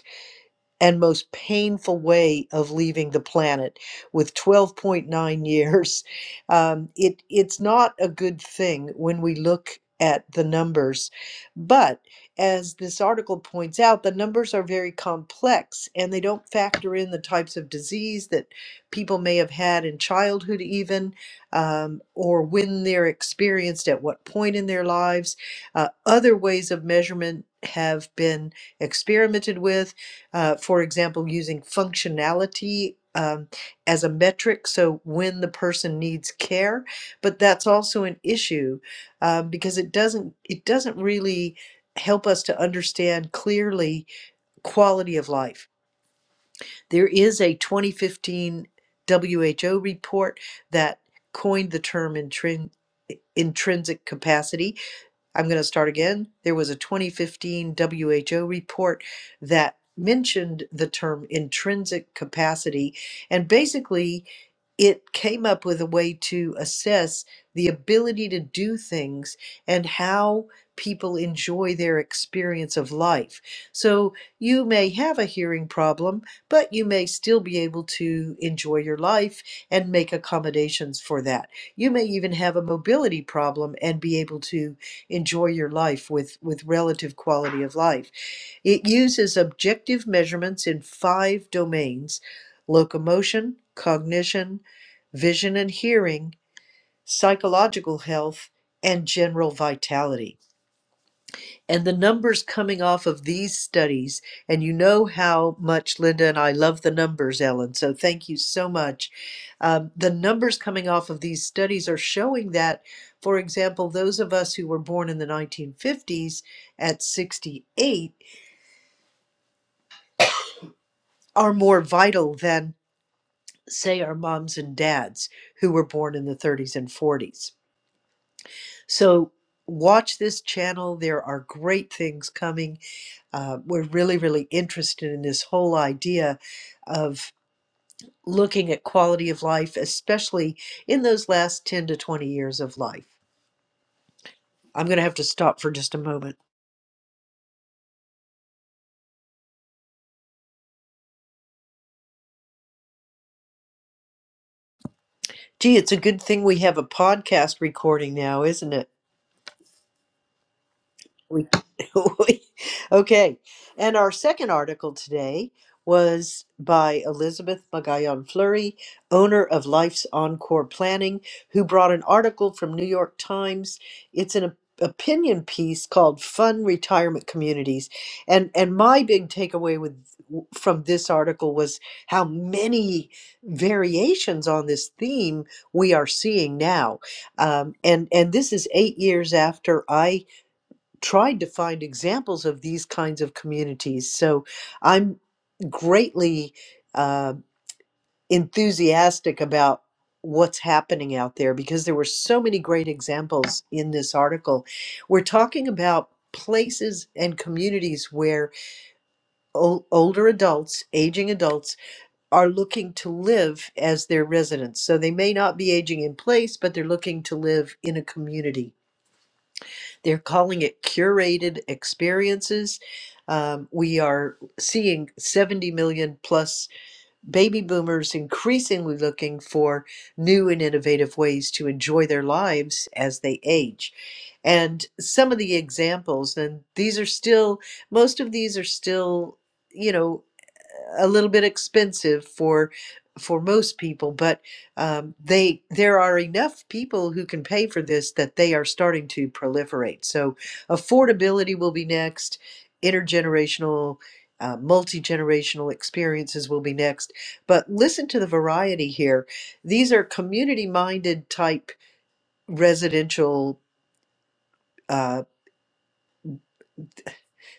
Speaker 1: and most painful way of leaving the planet with 12.9 years. Um, it, it's not a good thing when we look at the numbers. But as this article points out, the numbers are very complex and they don't factor in the types of disease that people may have had in childhood, even, um, or when they're experienced at what point in their lives. Uh, other ways of measurement have been experimented with uh, for example, using functionality um, as a metric, so when the person needs care, but that's also an issue uh, because it doesn't it doesn't really help us to understand clearly quality of life. There is a 2015 WHO report that coined the term intrin- intrinsic capacity I'm going to start again. There was a 2015 WHO report that mentioned the term intrinsic capacity, and basically, it came up with a way to assess the ability to do things and how people enjoy their experience of life. So, you may have a hearing problem, but you may still be able to enjoy your life and make accommodations for that. You may even have a mobility problem and be able to enjoy your life with, with relative quality of life. It uses objective measurements in five domains locomotion, cognition, vision and hearing, psychological health, and general vitality and the numbers coming off of these studies and you know how much linda and i love the numbers ellen so thank you so much um, the numbers coming off of these studies are showing that for example those of us who were born in the 1950s at 68 are more vital than say our moms and dads who were born in the 30s and 40s so watch this channel there are great things coming Uh, we're really, really interested in this whole idea of looking at quality of life, especially in those last 10 to 20 years of life. I'm going to have to stop for just a moment. Gee, it's a good thing we have a podcast recording now, isn't it? We, we- okay. And our second article today was by Elizabeth Magayon Fleury, owner of Life's Encore Planning, who brought an article from New York Times. It's an op- opinion piece called Fun Retirement Communities. And and my big takeaway with from this article was how many variations on this theme we are seeing now. Um, and and this is 8 years after I tried to find examples of these kinds of communities. So I'm greatly uh, enthusiastic about what's happening out there because there were so many great examples in this article. We're talking about places and communities where ol- older adults, aging adults, are looking to live as their residents. So they may not be aging in place, but they're looking to live in a community they're calling it curated experiences. Um, we are seeing 70 million plus baby boomers increasingly looking for new and innovative ways to enjoy their lives as they age. And some of the examples, and these are still, most of these are still, you know, a little bit expensive for for most people, but um, they there are enough people who can pay for this that they are starting to proliferate. So affordability will be next. Intergenerational, uh, multi generational experiences will be next. But listen to the variety here. These are community minded type residential. uh,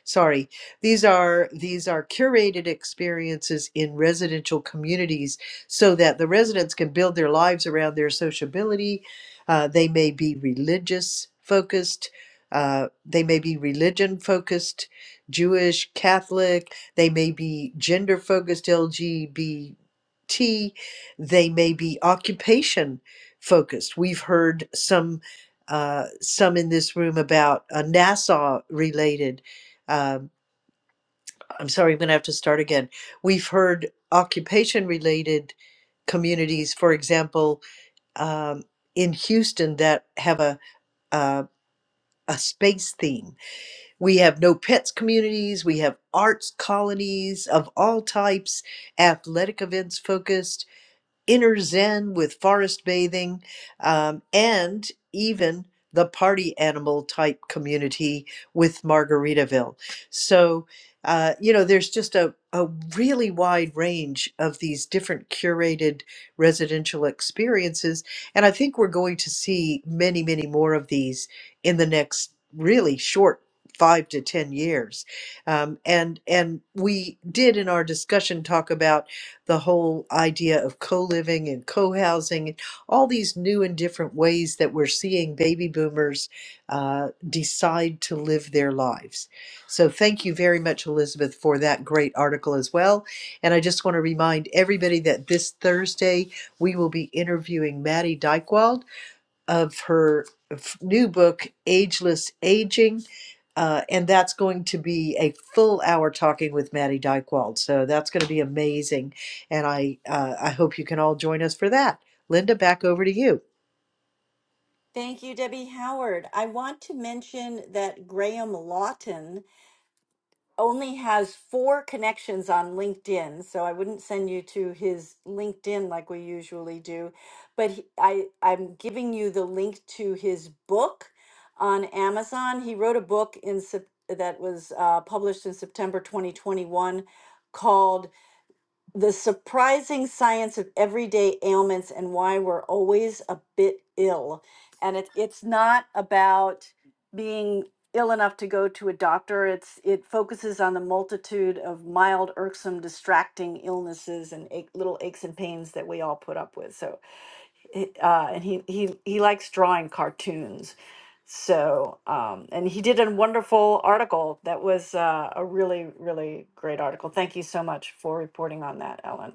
Speaker 1: sorry these are these are curated experiences in residential communities so that the residents can build their lives around their sociability Uh, they may be religious focused uh, they may be religion focused jewish catholic they may be gender focused lgbt they may be occupation focused we've heard some uh, some in this room about uh, nasa related um, I'm sorry, I'm going to have to start again. We've heard occupation related communities, for example, um, in Houston that have a, uh, a space theme. We have no pets communities, we have arts colonies of all types, athletic events focused. inner zen with forest bathing um, and even the party animal type community with Margaritaville. So, uh, you know, there's just a, a really wide range of these different curated residential experiences. And I think we're going to see many, many more of these in the next really short five to 10 years. Um, and, and we did in our discussion talk about the whole idea of co-living and co-housing and all these new and different ways that we're seeing baby boomers uh, decide to live their lives so thank you very much elizabeth for that great article as well and i just want to remind everybody that this thursday we will be interviewing maddie dykewald of her f- new book ageless aging uh, and that's going to be a full hour talking with Maddie Dykewald. So that's going to be amazing. And I, uh, I hope you can all join us for that. Linda, back over to you.
Speaker 2: Thank you, Debbie Howard. I want to mention that Graham Lawton only has four connections on LinkedIn, so I wouldn't send you to his LinkedIn like we usually do. But he, I, I'm giving you the link to his book on Amazon. He wrote a book in Sep- that was uh, published in September 2021 called the surprising science of everyday ailments and why we're always a bit ill. And it, it's not about being ill enough to go to a doctor. It's it focuses on the multitude of mild, irksome, distracting illnesses and ache, little aches and pains that we all put up with. So it- uh, and he he he likes drawing cartoons. So um, and he did a wonderful article that was uh, a really really great article. Thank you so much for reporting on that, Ellen.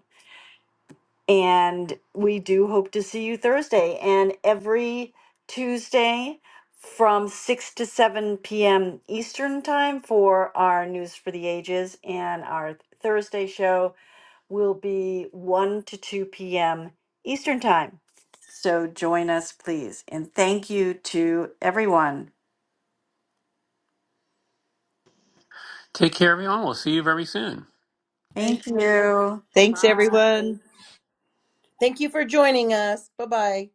Speaker 2: And we do hope to see you Thursday and every Tuesday from 6 to 7 p.m. Eastern time for our News for the Ages and our Thursday show will be 1 to 2 p.m. Eastern Time. So join us, please. And thank you to everyone.
Speaker 5: Take care, everyone. We'll see you very soon.
Speaker 3: Thank
Speaker 2: Thank you.
Speaker 1: Thanks, everyone.
Speaker 4: Thank you for joining us. Bye bye.